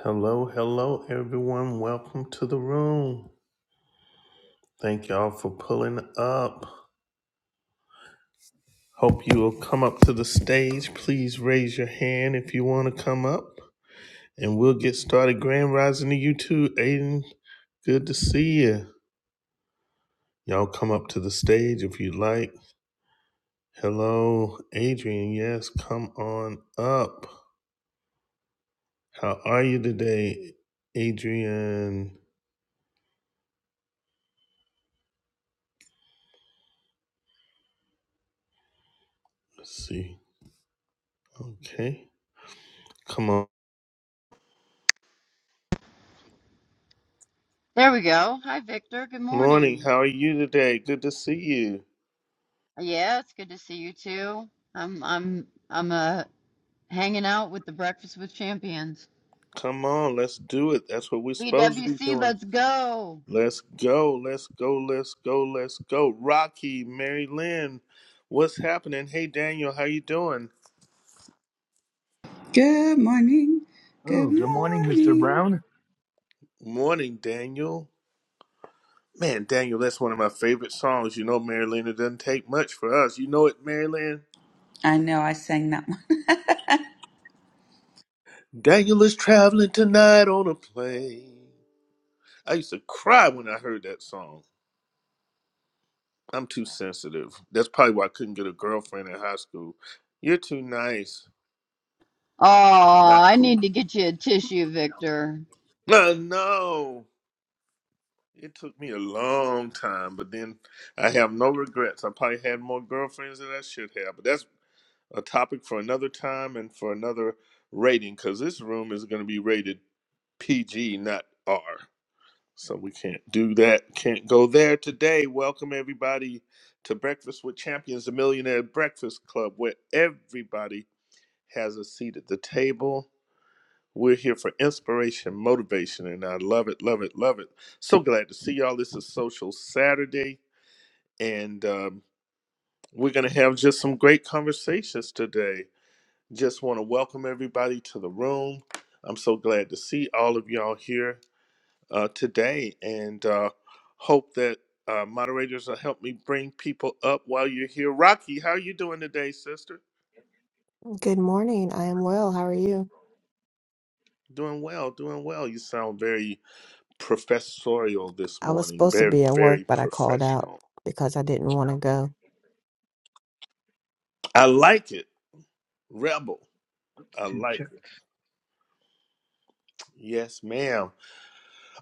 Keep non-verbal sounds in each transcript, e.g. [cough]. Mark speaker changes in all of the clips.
Speaker 1: Hello, hello, everyone. Welcome to the room. Thank y'all for pulling up. Hope you will come up to the stage. Please raise your hand if you want to come up, and we'll get started. Grand Rising to you too, Aiden. Good to see you. Y'all come up to the stage if you'd like. Hello, Adrian. Yes, come on up. How are you today, Adrian? Let's see. Okay. Come on.
Speaker 2: There we go. Hi, Victor. Good
Speaker 1: Morning,
Speaker 2: morning.
Speaker 1: how are you today? Good to see you.
Speaker 2: Yeah, it's good to see you too. I'm I'm I'm uh hanging out with the Breakfast with Champions.
Speaker 1: Come on, let's do it. That's what we're supposed to be
Speaker 2: BWC,
Speaker 1: doing.
Speaker 2: let's go.
Speaker 1: Let's go, let's go, let's go, let's go. Rocky, Mary Lynn, what's happening? Hey Daniel, how you doing?
Speaker 3: Good morning. Good
Speaker 4: Oh, good morning, Mr.
Speaker 3: morning.
Speaker 4: Brown.
Speaker 1: Morning, Daniel. Man, Daniel, that's one of my favorite songs. You know, Mary Lynn, it doesn't take much for us. You know it, Mary Lynn?
Speaker 3: I know I sang that one.
Speaker 1: Daniel is traveling tonight on a plane. I used to cry when I heard that song. I'm too sensitive. That's probably why I couldn't get a girlfriend in high school. You're too nice.
Speaker 2: Oh,
Speaker 1: Not
Speaker 2: I
Speaker 1: cool.
Speaker 2: need to get you a tissue, Victor.
Speaker 1: No, no. It took me a long time, but then I have no regrets. I probably had more girlfriends than I should have, but that's a topic for another time and for another rating because this room is going to be rated PG, not R. So we can't do that. Can't go there today. Welcome everybody to Breakfast with Champions, the Millionaire Breakfast Club, where everybody has a seat at the table. We're here for inspiration, motivation, and I love it, love it, love it. So glad to see y'all. This is Social Saturday, and um, we're going to have just some great conversations today. Just want to welcome everybody to the room. I'm so glad to see all of y'all here uh, today, and uh, hope that uh, moderators will help me bring people up while you're here. Rocky, how are you doing today, sister?
Speaker 5: Good morning. I am well. How are you?
Speaker 1: Doing well, doing well. You sound very professorial this
Speaker 5: I was
Speaker 1: morning.
Speaker 5: supposed to
Speaker 1: Very,
Speaker 5: be at work,
Speaker 1: very
Speaker 5: but I called out
Speaker 1: professional.
Speaker 5: because I didn't want to go.
Speaker 1: I like it. Rebel. I
Speaker 4: Altitude
Speaker 1: like it.
Speaker 4: checked.
Speaker 1: Yes, ma'am.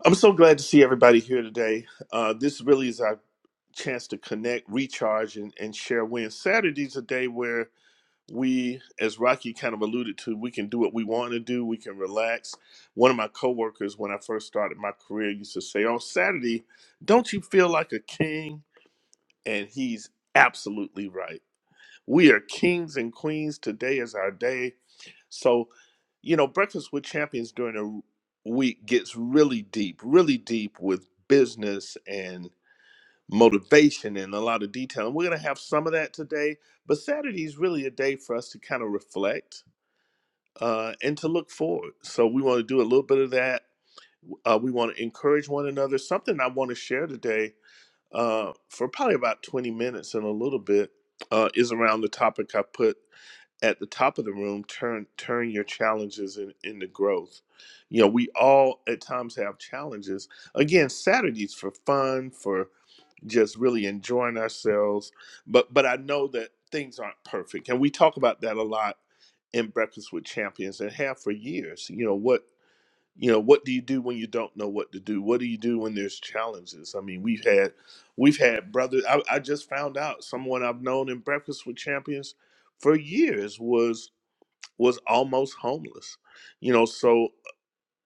Speaker 1: I'm so glad to see everybody here today. Uh, this really is our chance to connect, recharge, and, and share wins. Saturday's a day where we, as Rocky kind of alluded to, we can do what we want to do. We can relax. One of my coworkers, when I first started my career, used to say, "On Saturday, don't you feel like a king?" And he's absolutely right We are kings and queens. Today is our day. So, you know, Breakfast with Champions during the week gets really deep, really deep with business and motivation and a lot of detail. And we're going to have some of that today. But Saturday is really a day for us to kind of reflect uh, and to look forward. So, we want to do a little bit of that. Uh, we want to encourage one another. Something I want to share today uh, for probably about 20 minutes and a little bit uh, is around the topic I put at the top of the room turn turn your challenges in, into growth you know we all at times have challenges again saturdays for fun for just really enjoying ourselves but but i know that things aren't perfect and we talk about that a lot in breakfast with champions and have for years you know what you know what do you do when you don't know what to do what do you do when there's challenges i mean we've had we've had brothers i, I just found out someone i've known in breakfast with champions for years was was almost homeless. You know, so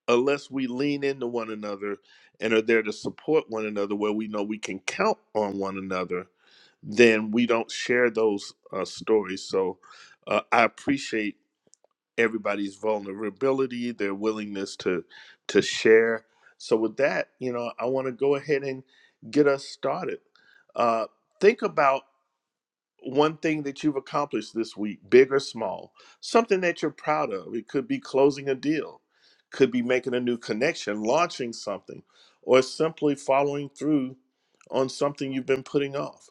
Speaker 1: unless we lean into one another and are there to support one another where we know we can count on one another, then we don't share those uh, stories. So uh, I appreciate everybody's vulnerability, their willingness to to share. So with that, you know, I want to go ahead and get us started. Uh, think about one thing that you've accomplished this week, big or small, something that you're proud of. It could be closing a deal, could be making a new connection, launching something, or simply following through on something you've been putting off.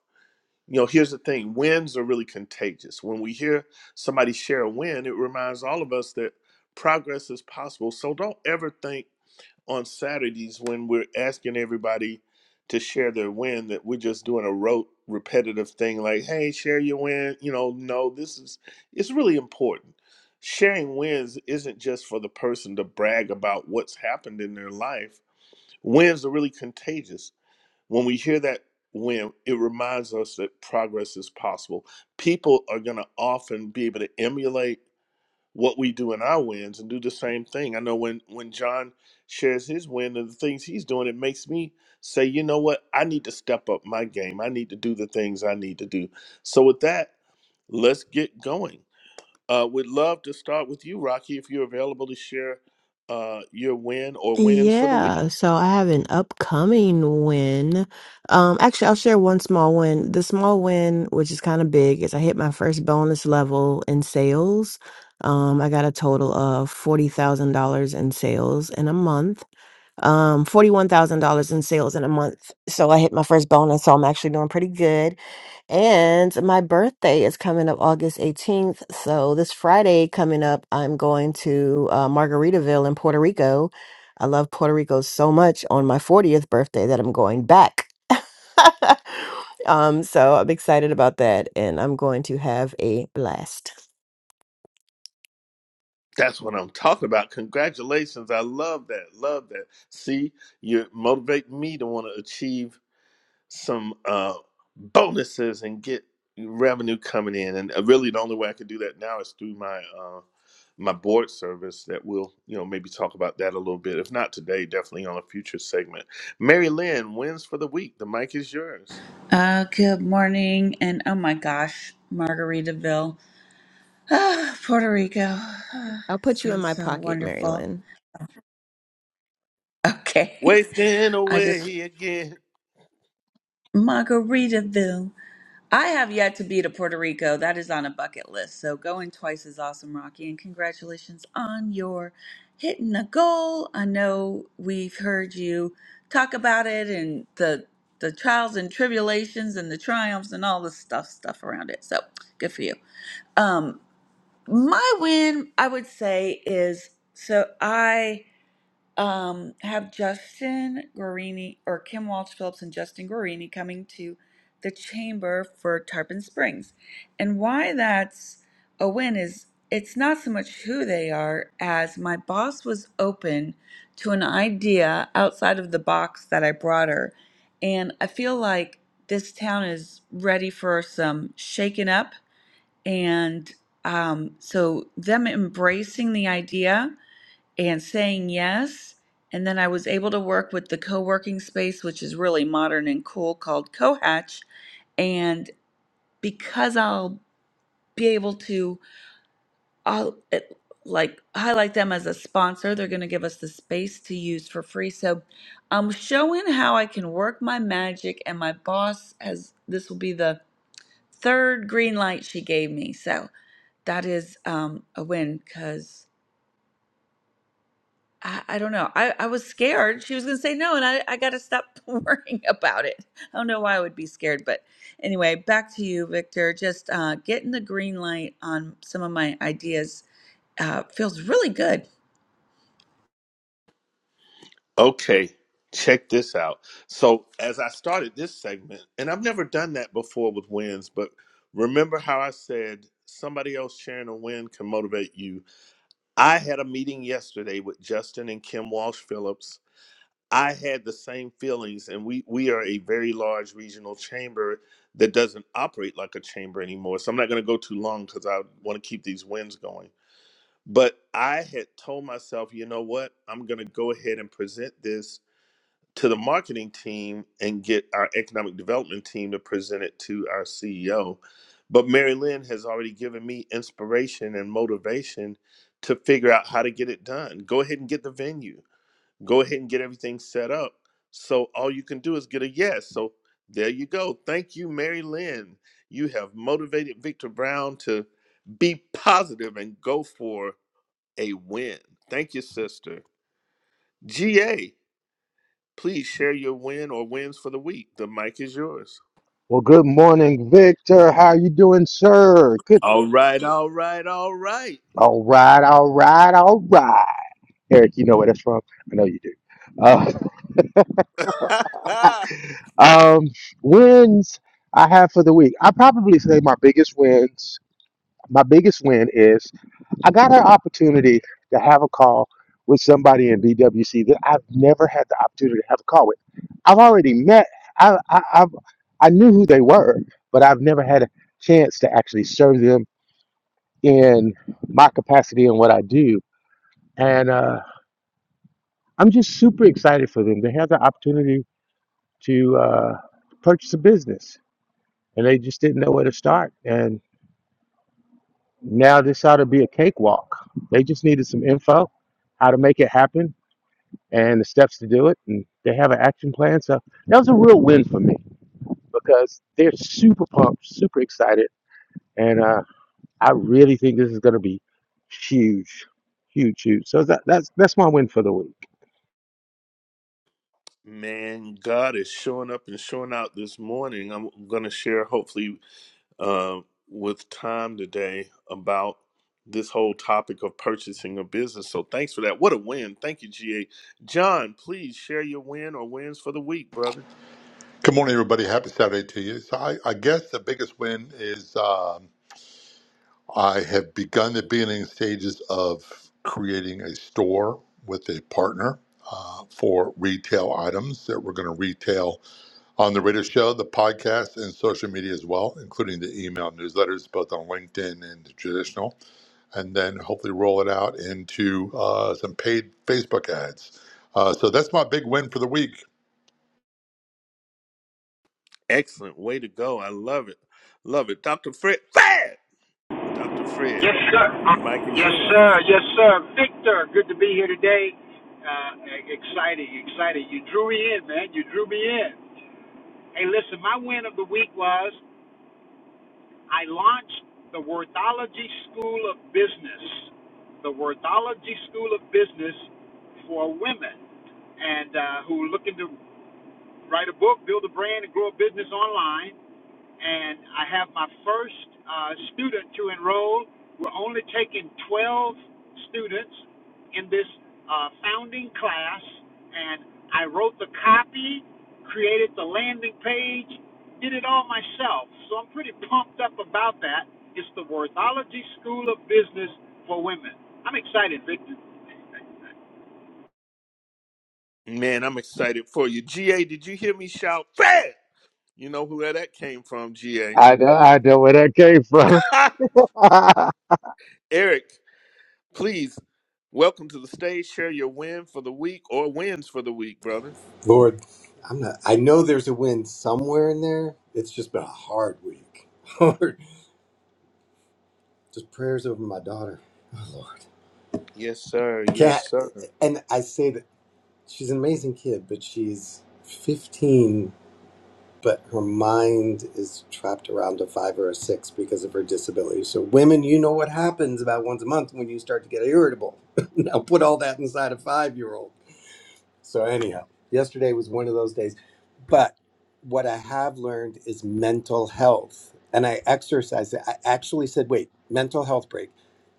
Speaker 1: You know, here's the thing wins are really contagious. When we hear somebody share a win, it reminds all of us that progress is possible. So don't ever think on Saturdays when we're asking everybody to share their win that we're just doing a rote repetitive thing like hey share your win you know no this is it's really important sharing wins isn't just for the person to brag about what's happened in their life wins are really contagious when we hear that win it reminds us that progress is possible people are going to often be able to emulate what we do in our wins and do the same thing. I know when when John shares his win and the things he's doing, it makes me say, you know what, I need to step up my game. I need to do the things I need to do. So with that, let's get going. Uh, we'd love to start with you, Rocky, if you're available to share uh, your win or wins for the
Speaker 5: Yeah,
Speaker 1: week.
Speaker 5: so I have an upcoming win. Um, actually, I'll share one small win. The small win, which is kind of big, is I hit my first bonus level in sales. Um, I got a total of $40,000 in sales in a month. Um, $41,000 in sales in a month. So I hit my first bonus, so I'm actually doing pretty good. And my birthday is coming up August 18th. So this Friday coming up, I'm going to uh, Margaritaville in Puerto Rico. I love Puerto Rico so much on my 40th birthday that I'm going back. [laughs] um, so I'm excited about that. And I'm going to have a blast.
Speaker 1: That's what I'm talking about. Congratulations. I love that. Love that. See, you're motivating me to want to achieve some uh, bonuses and get revenue coming in. And uh, really, the only way I can do that now is through my uh, my board service. That we will, you know, maybe talk about that a little bit. If not today, definitely on a future segment. Mary Lynn wins for the week. The mic is yours.
Speaker 3: Uh, good morning. And oh my gosh, Margaritaville, ah, Puerto Rico. [sighs] Ah,
Speaker 5: I'll put you in
Speaker 3: sounds
Speaker 5: my
Speaker 3: so
Speaker 5: pocket,
Speaker 3: wonderful.
Speaker 5: Marilyn.
Speaker 3: Okay.
Speaker 1: Wasting
Speaker 3: [laughs] I just,
Speaker 1: away again.
Speaker 3: Margaritaville. I have yet to be to Puerto Rico. That is on a bucket list. So going twice is awesome, Rocky. And congratulations on your hitting the goal. I know we've heard you talk about it and the the trials and tribulations and the triumphs and all the stuff stuff around it. So good for you. Um, my win, I would say, is so I um, have Justin Guarini or Kim Walsh Phillips and Justin Guarini coming to the chamber for Tarpon Springs. And why that's a win is it's not so much who they are as my boss was open to an idea outside of the box that I brought her. And I feel like this town is ready for some shaking up. And um, so, them embracing the idea and saying yes. And then I was able to work with the co working space, which is really modern and cool, called Cohatch. And because I'll be able to, I'll it, like highlight them as a sponsor. They're going to give us the space to use for free. So I'm showing how I can work my magic, and my boss has this will be the third green light she gave me. So that is um, a win because. I, I don't know. I, I was scared she was going to say no, and I, I got to stop [laughs] worrying about it. I don't know why I would be scared. But anyway, back to you, Victor. Just uh, getting the green light on some of my ideas uh, feels really good.
Speaker 1: Okay. Check this out. So, as I started this segment, and I've never done that before with wins, but remember how I said somebody else sharing a win can motivate you I had a meeting yesterday with Justin and Kim Walsh Phillips. I had the same feelings, and we we are a very large regional chamber that doesn't operate like a chamber anymore. So I'm not going to go too long because I want to keep these wins going. But I had told myself, you know what? I'm going to go ahead and present this to the marketing team and get our economic development team to present it to our CEO. But Mary Lynn has already given me inspiration and motivation to figure out how to get it done. Go ahead and get the venue, go ahead and get everything set up. So all you can do is get a yes. So there you go. Thank you, Mary Lynn. You have motivated Victor Brown to be positive and go for a win. Thank you, sister. GA. Please share your win or wins for the week. The mic is yours.
Speaker 6: Well, good morning, Victor. How you doing, sir? Good.
Speaker 1: All right, all right, all right.
Speaker 6: All right, all right, all right. Eric, you know where that's from. I know you do. Uh,
Speaker 1: [laughs]
Speaker 6: [laughs] um, wins I have for the week. I probably say my biggest wins. My biggest win is I got an opportunity to have a call with somebody in BWC that I've never had the opportunity to have a call with. I've already met. I I I've, I knew who they were, but I've never had a chance to actually serve them in my capacity and what I do. And uh, I'm just super excited for them. They had the opportunity to uh, purchase a business and they just didn't know where to start. And now this ought to be a cakewalk. They just needed some info, how to make it happen, and the steps to do it. And they have an action plan. So that was a real win for me because they're super pumped, super excited. And uh, I really think this is going to be huge, huge, huge. So that, that's, that's my win for the week.
Speaker 1: Man, God is showing up and showing out this morning. I'm going to share, hopefully, uh, with time today about this whole topic of purchasing a business. So thanks for that. What a win. Thank you, GA. John, please share your win or wins for the week, brother.
Speaker 7: Good morning, everybody. Happy Saturday to you. So, I, I guess the biggest win is um, I have begun the beginning stages of creating a store with a partner uh, for retail items that we're going to retail on the radio show, the podcast, and social media as well, including the email newsletters, both on LinkedIn and the traditional, and then hopefully roll it out into uh, some paid Facebook ads. Uh, so, that's my big win for the week.
Speaker 1: Excellent. Way to go. I love it. Love it. Dr. Fred. Fred! Dr. Fred,
Speaker 8: Yes, sir.
Speaker 1: the mic is
Speaker 8: Yes,
Speaker 1: yours.
Speaker 8: sir. Yes, sir. Victor, good to be here today. Uh, exciting, exciting. You drew me in, man. You drew me in. Hey, listen, my win of the week was I launched the Worthology School of Business. The Worthology School of Business for women and uh, who are looking to write a book, build a brand, and grow a business online and I have my first uh, student to enroll. We're only taking 12 students in this uh, founding class, and I wrote the copy, created the landing page, did it all myself. So I'm pretty pumped up about that. It's the Worthology School of Business for Women. I'm excited, Victor.
Speaker 1: Man, I'm excited for you. GA, did you hear me shout fat? You know where that came from, GA.
Speaker 6: I know, I know where that came from.
Speaker 1: [laughs]
Speaker 6: [laughs]
Speaker 1: Eric, please welcome to the stage. Share your win for the week or wins for the week, brother.
Speaker 9: Lord, I'm not. I know there's a win somewhere in there. It's just been a hard week. [laughs] Lord, just prayers over my daughter. Oh Lord,
Speaker 1: Yes, sir.
Speaker 9: Cat,
Speaker 1: Yes, sir.
Speaker 9: and I say that she's an amazing kid, but she's 15, but her mind is trapped around a five or a six because of her disability. So, women, you know what happens about once a month when you start to get irritable. [laughs] now, put all that inside a five-year-old. So anyhow, yesterday was one of those days. But what I have learned is mental health, and I exercised it. I actually said, "Wait, mental health break."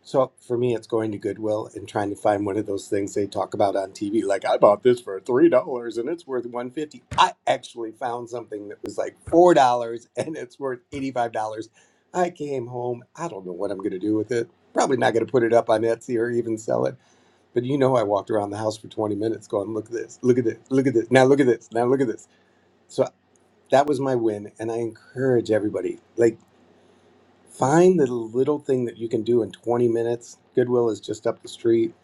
Speaker 9: So for me, it's going to Goodwill and trying to find one of those things they talk about on TV. Like I bought this for three dollars and it's worth one fifty. I actually found something that was like four dollars and it's worth eighty five dollars. I came home. I don't know what I'm going to do with it. Probably not going to put it up on Etsy or even sell it but you know, I walked around the house for 20 minutes going, look at this, look at this, look at this, now look at this, now look at this. So that was my win. And I encourage everybody, like, find the little thing that you can do in 20 minutes. Goodwill is just up the street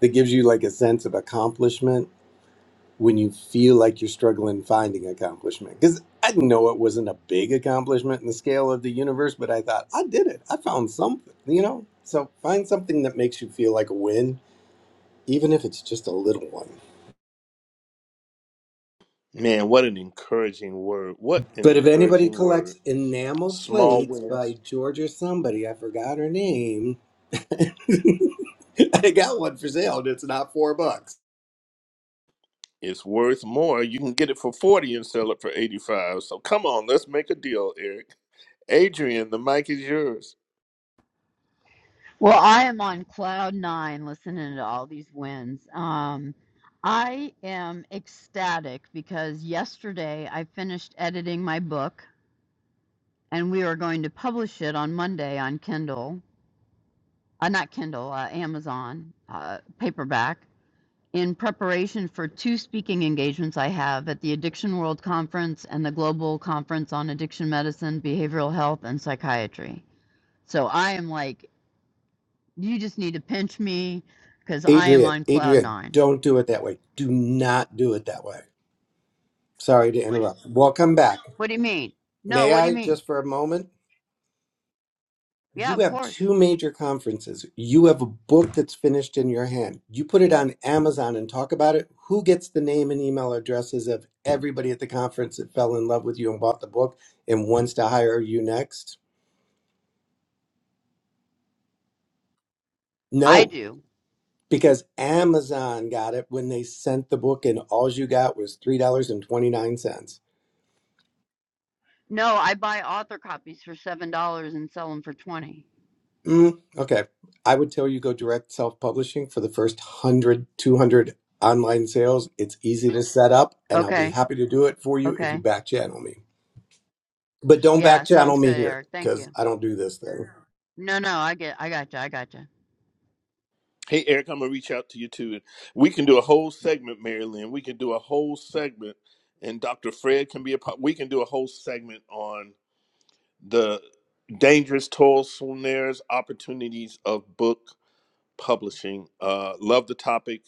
Speaker 9: that gives you like a sense of accomplishment when you feel like you're struggling finding accomplishment. Because I know it wasn't a big accomplishment in the scale of the universe, but I thought, I did it. I found something, you know? So find something that makes you feel like a win, even if it's just a little one.
Speaker 1: Man, what an encouraging word. What an
Speaker 9: But if anybody
Speaker 1: encouraging word.
Speaker 9: collects enamel
Speaker 1: Small
Speaker 9: plates by
Speaker 1: wins.
Speaker 9: George or somebody, I forgot her name. [laughs] I got one for sale and it's not four bucks.
Speaker 1: It's worth more. You can get it for 40 and sell it for 85. So come on, let's make a deal, Eric. Adrian, the mic is yours.
Speaker 2: Well, I am on cloud nine listening to all these wins. Um, I am ecstatic because yesterday I finished editing my book and we are going to publish it on Monday on Kindle. uh, not Kindle, uh, Amazon uh, paperback in preparation for two speaking engagements I have at the Addiction World Conference and the Global Conference on Addiction Medicine, Behavioral Health, and Psychiatry. So I am like, you just need to pinch me because I am
Speaker 9: Adrian,
Speaker 2: on cloud
Speaker 9: Adrian,
Speaker 2: nine.
Speaker 9: don't do it that way. Do not do it that way. Sorry to interrupt. Welcome back.
Speaker 2: What do you mean? No,
Speaker 9: May
Speaker 2: what do you
Speaker 9: I
Speaker 2: mean?
Speaker 9: just for a moment?
Speaker 2: Yeah,
Speaker 9: You
Speaker 2: of
Speaker 9: have
Speaker 2: course.
Speaker 9: two major conferences. You have a book that's finished in your hand. You put it on Amazon and talk about it. Who gets the name and email addresses of everybody at the conference that fell in love with you and bought the book and wants to hire you next?
Speaker 2: I
Speaker 9: No,
Speaker 2: do.
Speaker 9: because Amazon got it when they sent the book and all you got was $3.29.
Speaker 2: No, I buy author copies for $7 and sell them for 20
Speaker 9: Mm, okay. I would tell you go direct self publishing for the first one hundred, two hundred online sales. It's easy to set up, and I'll be
Speaker 2: Okay,
Speaker 9: happy to do it for you if you
Speaker 2: okay.
Speaker 9: back channel me. But don't
Speaker 2: Yeah,
Speaker 9: back channel
Speaker 2: sounds
Speaker 9: me
Speaker 2: good,
Speaker 9: here
Speaker 2: Eric. Thank you.
Speaker 9: because I don't do this thing.
Speaker 2: No, no, I get, I got you, I got you.
Speaker 1: Hey, Eric, I'm going to reach out to you too. We can do a whole segment, Marilyn. We can do a whole segment, and Dr. Fred can be a part. We can do a whole segment on the dangerous toil, snares, opportunities of book publishing. Uh, love the topic.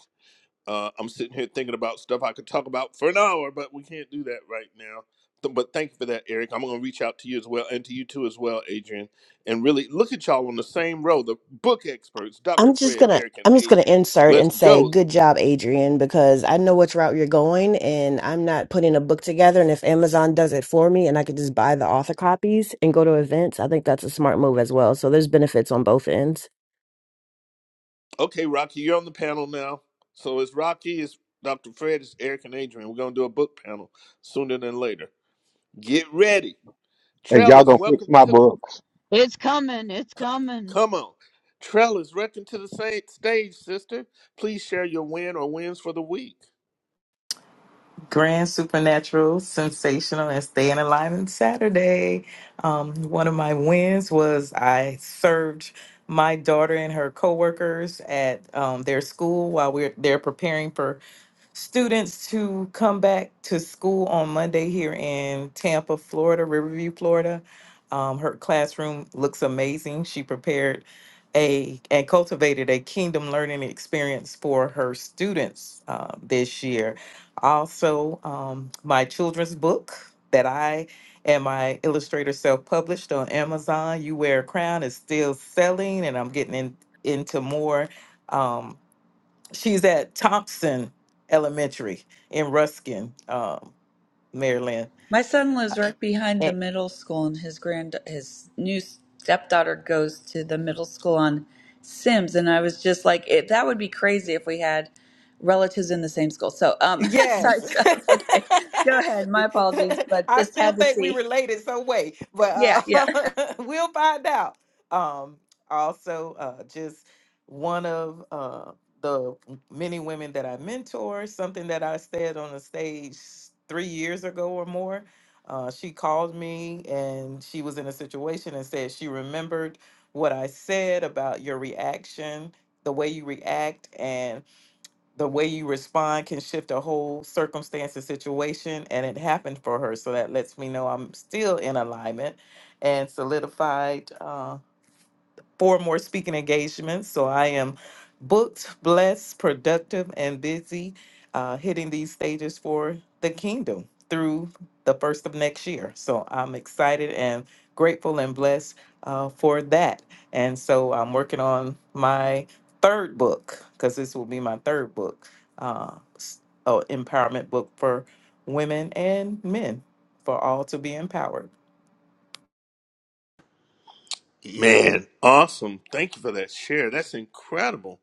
Speaker 1: Uh, I'm sitting here thinking about stuff I could talk about for an hour, but we can't do that right now. Th- But thank you for that, Eric. I'm going to reach out to you as well, and to you too as well, Adrian. And really look at y'all on the same row. The book experts, Dr.
Speaker 5: I'm just
Speaker 1: Fred,
Speaker 5: gonna
Speaker 1: Eric, and
Speaker 5: I'm just gonna
Speaker 1: Adrian.
Speaker 5: insert
Speaker 1: Let's
Speaker 5: and say
Speaker 1: go.
Speaker 5: good job, Adrian, because I know which route you're going and I'm not putting a book together and if Amazon does it for me and I could just buy the author copies and go to events, I think that's a smart move as well. So there's benefits on both ends.
Speaker 1: Okay, Rocky, you're on the panel now. So it's Rocky, it's Dr. Fred, it's Eric, and Adrian. We're going to do a book panel sooner than later. Get ready.
Speaker 6: and y'all
Speaker 1: Trellis,
Speaker 6: gonna fix
Speaker 1: welcome
Speaker 6: my
Speaker 1: to.
Speaker 6: books.
Speaker 2: It's coming. It's coming.
Speaker 1: Come on. Trellis, reckon to the same stage, sister. Please share your win or wins for the week.
Speaker 10: Grand Supernatural, Sensational, and Staying Alive on Saturday. Um, one of my wins was I served my daughter and her coworkers at um, their school while we're they're preparing for students to come back to school on Monday here in Tampa, Florida, Riverview, Florida. Um, her classroom looks amazing. She prepared a and cultivated a kingdom learning experience for her students uh, this year. Also, um, my children's book that I and my illustrator self published on Amazon, You Wear a Crown, is still selling, and I'm getting in, into more. um, she's at Thompson Elementary in Ruskin, um, Maryland.
Speaker 3: My son lives right behind the middle school, and his grand his new stepdaughter goes to the middle school on Sims. And I was just like, it, that would be crazy if we had relatives in the same school. So, um, [laughs] sorry,
Speaker 10: Yes. [laughs]
Speaker 3: Charles. Okay, go ahead. My apologies, but
Speaker 10: I
Speaker 3: just
Speaker 10: still
Speaker 3: had to
Speaker 10: think we
Speaker 3: see.
Speaker 10: related some way, but
Speaker 3: Yeah,
Speaker 10: uh,
Speaker 3: yeah.
Speaker 10: [laughs] we'll find out. Um, also, uh, just one of uh, the many women that I mentor, something that I said on the stage three years ago or more. Uh, she called me and she was in a situation and said she remembered what I said about your reaction, the way you react, and the way you respond can shift a whole circumstance and situation and it happened for her so that lets me know i'm still in alignment and solidified uh, four more speaking engagements. So I am booked, blessed, productive, and busy uh, hitting these stages for the kingdom through the first of next year. So I'm excited and grateful and blessed uh, for that. And so I'm working on my third book because this will be my third book, uh, s- uh, empowerment book for women and men for all to be empowered.
Speaker 1: Man, awesome. Thank you for that share. That's incredible.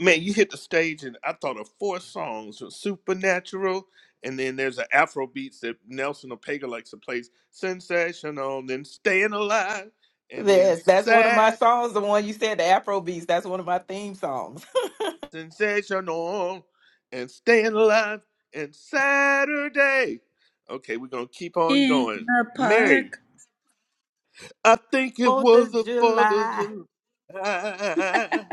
Speaker 1: Man, you hit the stage and I thought of four songs of Supernatural, and then there's an Afro beats that Nelson Ortega likes to play Sensational, then Staying Alive, and then
Speaker 10: Yes, that's one of my
Speaker 1: Sad.
Speaker 10: songs. The one you said, the Afro beats. That's one of my theme songs.
Speaker 1: sensational and staying alive and Saturday. Okay, we're gonna keep on
Speaker 3: In
Speaker 1: going.
Speaker 3: the
Speaker 1: Mary,
Speaker 3: park.
Speaker 1: I think
Speaker 10: [laughs]
Speaker 1: it
Speaker 10: Fourth
Speaker 1: was
Speaker 10: of
Speaker 1: the Fourth of
Speaker 10: July.
Speaker 1: July.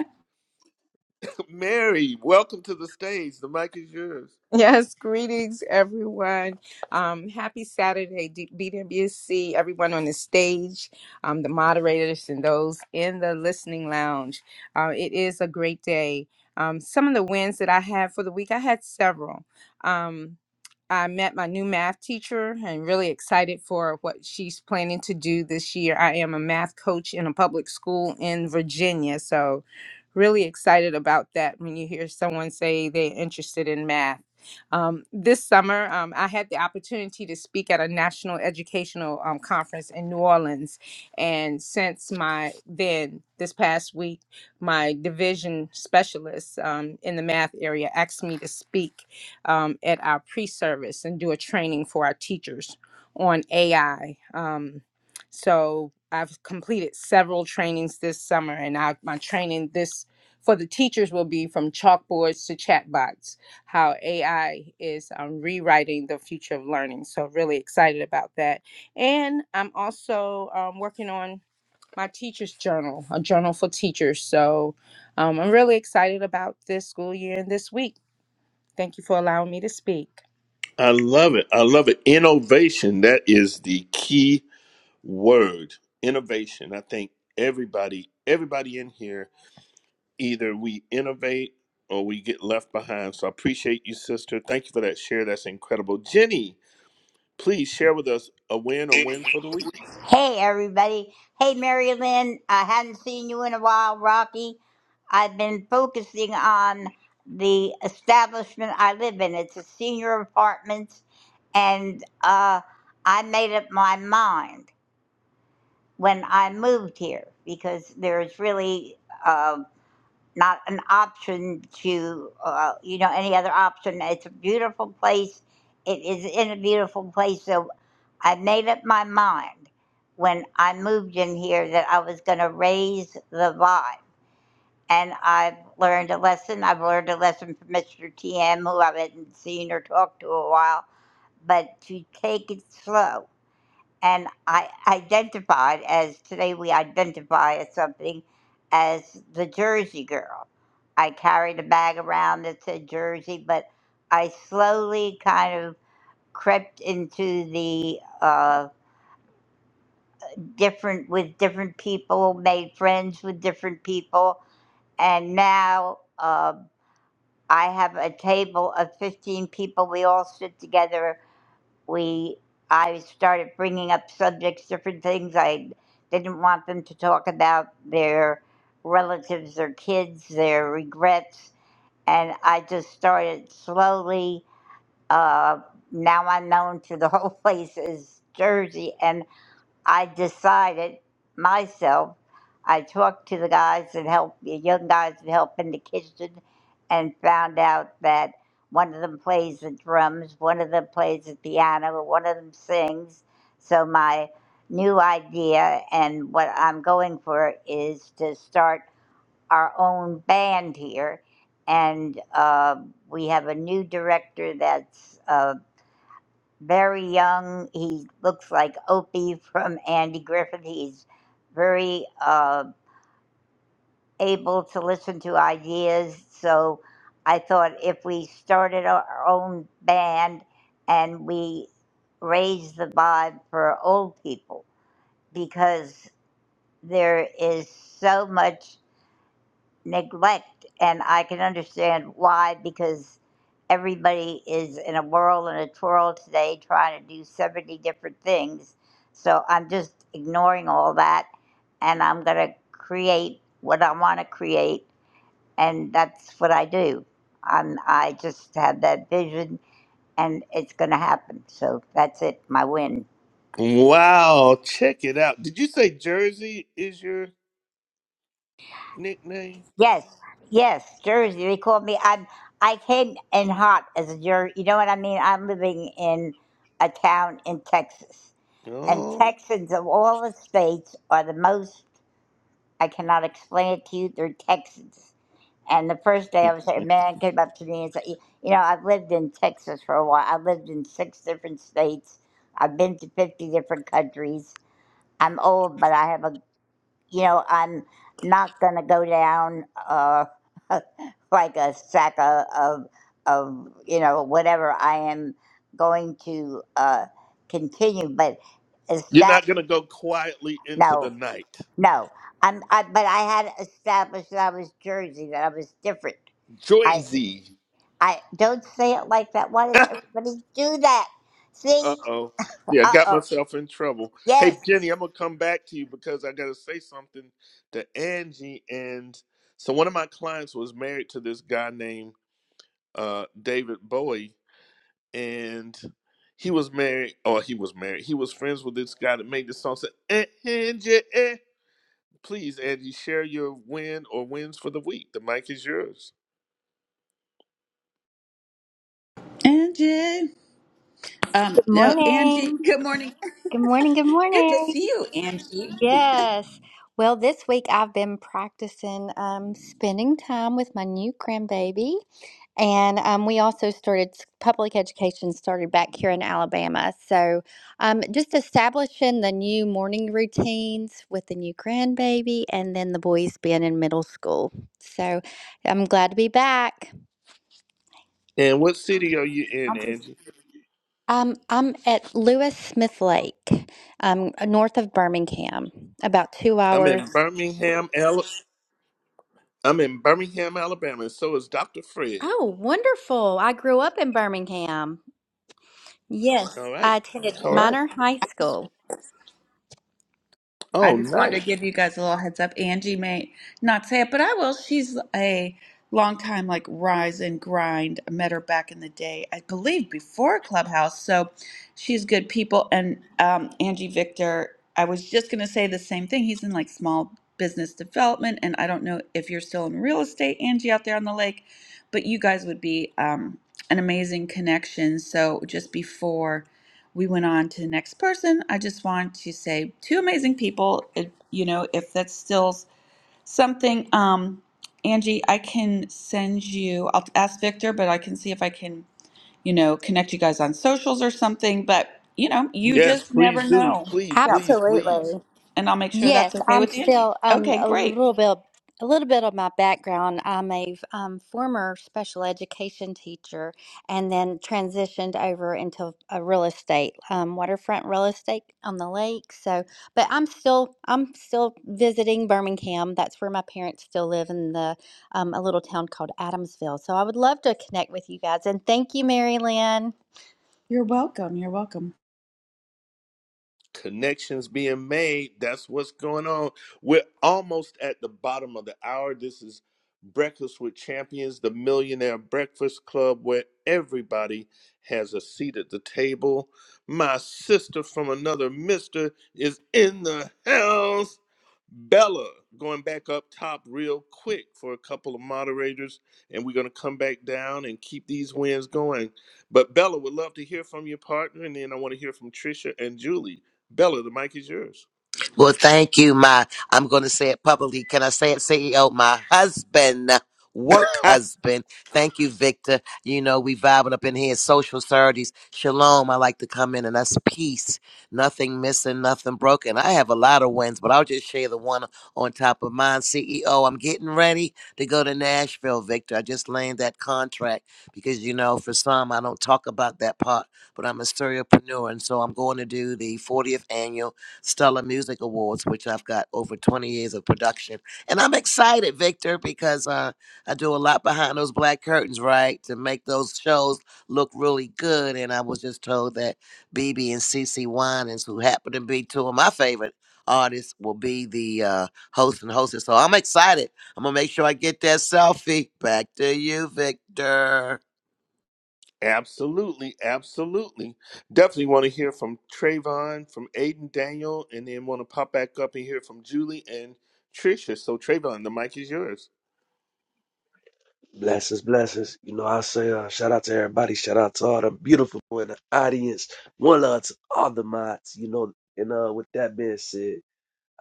Speaker 1: Mary, welcome to the stage. The mic is yours.
Speaker 11: [laughs] Yes, greetings everyone. Um, happy Saturday, D- B W C, everyone on the stage, um, the moderators, and those in the listening lounge. Uh, it is a great day. Um, some of the wins that I had for the week, I had several. Um, I met my new math teacher and really excited for what she's planning to do this year. I am a math coach in a public school in Virginia, so really excited about that when you hear someone say they're interested in math. Um, this summer, um, I had the opportunity to speak at a national educational um, conference in New Orleans. And since my then, this past week, my division specialist um, in the math area asked me to speak um, at our pre-service and do a training for our teachers on AI. Um, so I've completed several trainings this summer, and I, my training this for the teachers will be from chalkboards to chatbots, how AI is um, rewriting the future of learning. So really excited about that, and I'm also um, working on my teacher's journal, a journal for teachers. So um, I'm really excited about this school year and this week. Thank you for allowing me to speak.
Speaker 1: I love it. I love it. Innovation. That is the key word. Innovation. I think everybody, everybody in here either we innovate or we get left behind. So I appreciate you, sister. Thank you for that share. That's incredible. Jenny, please share with us a win or wins for the week.
Speaker 12: Hey, everybody. Hey, Mary Lynn. I hadn't seen you in a while, Rocky. I've been focusing on the establishment I live in. It's a senior apartment, and uh, I made up my mind when I moved here because there's really uh, not an option to, uh, you know, any other option. It's a beautiful place. It is in a beautiful place. So I made up my mind when I moved in here that I was going to raise the vibe. And I've learned a lesson. I've learned a lesson from Mr. TM, who I had not seen or talked to a while, but to take it slow and I identified as today we identify as something as the Jersey girl. I carried a bag around that said Jersey, but I slowly kind of crept into the uh, different with different people, made friends with different people, and now uh, I have a table of 15 people. We all sit together we I started bringing up subjects, different things I didn't want them to talk about their relatives, their kids, their regrets, and I just started slowly. Uh, now I'm known to the whole [laughs] place as Jersey, and. I decided myself. I talked to the guys that helped the young guys that help in the kitchen, and found out that one of them plays the drums, one of them plays the piano, one of them sings. So my new idea and what I'm going for is to start our own band here, and uh, we have a new director that's. Uh, very young. He looks like Opie from Andy Griffith. He's very uh, able to listen to ideas. So I thought if we started our own band and we raised the vibe for old people, because there is so much. neglect and i can understand why because everybody is in a whirl and a twirl today trying to do 70 different things so i'm just ignoring all that and i'm going to create what i want to create and that's what i do I'm, i just have that vision and it's going to happen so that's it my win
Speaker 1: Wow, check it out. Did you say Jersey is your nickname?
Speaker 12: Yes, yes, Jersey. They called me. I'm. I came in hot as a Jersey. You know what I mean? I'm living in a town in Texas, and
Speaker 1: Oh.
Speaker 12: Texans of all the states are the most. I cannot explain it to you. They're Texans. And the first
Speaker 1: [laughs]
Speaker 12: day I was there, a man came up to me and said, "You you know, I've lived in Texas for a while. I've lived in six different states. I've been to fifty different countries. I'm old, but I have a you know, I'm not gonna go down uh, [laughs] like a sack of, of of you know whatever. I am going to uh, continue, but
Speaker 1: You're not
Speaker 12: establish
Speaker 1: gonna go quietly into the
Speaker 12: no,
Speaker 1: night.
Speaker 12: no. I'm I, but I had established that I was Jersey, that I was different. I
Speaker 1: Joyzy.
Speaker 12: I don't say it like that. Why does
Speaker 1: [laughs]
Speaker 12: everybody do that?
Speaker 1: Uh
Speaker 12: See?
Speaker 1: oh. Yeah, I
Speaker 12: Uh
Speaker 1: got
Speaker 12: oh.
Speaker 1: myself in trouble. Hey,
Speaker 12: Yes.
Speaker 1: Jenny, I'm going to come back to you because I got to say something to Angie. And so one of my clients was married to this guy named uh, David Bowie. And he was married, or he was married. He was friends with this guy that made this song. Said, "Eh, Angie, eh. Please, Angie, share your win or wins for the week. The mic is yours.
Speaker 3: Angie. Um,
Speaker 13: Good
Speaker 3: no, Angie.
Speaker 13: morning.
Speaker 3: Good morning.
Speaker 13: Good morning. Good
Speaker 3: Good to
Speaker 13: morning.
Speaker 3: see you, Angie.
Speaker 13: Yes. Well, this week I've been practicing um, spending time with my new grandbaby. And um, we also started public education started back here in Alabama. So um, just establishing the new morning routines with the new grandbaby and then the boys being in middle school. So I'm glad to be back.
Speaker 1: And what city are you in, Angie?
Speaker 13: Um, I'm at Lewis Smith Lake, um, north of Birmingham, about two
Speaker 1: I'm
Speaker 13: hours.
Speaker 1: in Birmingham, Al. I'm in Birmingham, Alabama, and so is Dr. Fred.
Speaker 13: Oh, wonderful. I grew up in Birmingham. Yes,
Speaker 1: All right.
Speaker 13: I attended
Speaker 1: All right.
Speaker 13: Minor High School.
Speaker 3: I
Speaker 1: Oh,
Speaker 3: just wanted
Speaker 1: nice.
Speaker 3: to give you guys a little heads up. Angie may not say it, but I will. She's a long time like rise and grind. I met her back in the day, I believe, before Clubhouse. So she's good people. And um, Angie Victor, I was just going to say the same thing. He's in like small business development, and I don't know if you're still in real estate, Angie, out there on the lake, but you guys would be um, an amazing connection. So just before we went on to the next person. I just want to say two amazing people. If, you know, if that's still something, um, Angie, I can send you. I'll ask Victor, but I can see if I can, you know, connect you guys on socials or something. But you know, you
Speaker 1: Yes,
Speaker 3: just never
Speaker 1: please do.
Speaker 3: know.
Speaker 1: Please,
Speaker 3: Yeah,
Speaker 1: please,
Speaker 13: Absolutely.
Speaker 1: please.
Speaker 3: and I'll make sure
Speaker 13: Yes,
Speaker 3: that's okay
Speaker 13: I'm
Speaker 3: with Angie.
Speaker 13: still um
Speaker 3: Okay,
Speaker 13: a
Speaker 3: great.
Speaker 13: little bit a little bit of my background. I'm a um, former special education teacher and then transitioned over into a real estate, um, waterfront real estate on the lake. So, but I'm still I'm still visiting Birmingham. That's where my parents still live in the um, a little town called Adamsville. So I would love to connect with you guys and thank you, Mary Lynn.
Speaker 3: You're welcome. You're welcome.
Speaker 1: connections being made. That's what's going on. We're almost at the bottom of the hour. This is Breakfast with Champions, the Millionaire Breakfast Club, where everybody has a seat at the table. My sister from another mister is in the house. Bella, going back up top real quick for a couple of moderators, and we're going to come back down and keep these wins going. But Bella, would love to hear from your partner, and then I want to hear from Trisha and Julie. Bella, the mic is yours.
Speaker 14: Well, thank you, my. I'm going to say it publicly. Can I say it, CEO? My husband, work
Speaker 1: [laughs]
Speaker 14: husband. Thank you, Victor. You know, we vibing up in here. Social Saturdays. Shalom. I like to come in, and that's peace. Nothing missing, nothing broken. I have a lot of wins, but I'll just share the one on top of mine. CEO, I'm getting ready to go to Nashville, Victor. I just landed that contract because, you know, for some, I don't talk about that part, but I'm a serialpreneur, and so I'm going to do the 40th annual. Stellar Music Awards, which I've got over 20 years of production. And I'm excited, Victor, because uh, I do a lot behind those black curtains, right, to make those shows look really good. And I was just told that BB and CeCe Winans, who happen to be two of my favorite artists, will be the uh, host and hostess. So I'm excited. I'm going to make sure I get that selfie. Back to you, Victor.
Speaker 1: absolutely, absolutely. Definitely want to hear from Trayvon, from Aiden Daniel, and then want to pop back up and hear from Julie and Trisha. So Trayvon, the mic is yours.
Speaker 15: Blessings, blessings. You know, I say uh, shout out to everybody. Shout out to all the beautiful people in the audience. One love to all the mods. You know, and uh, with that being said,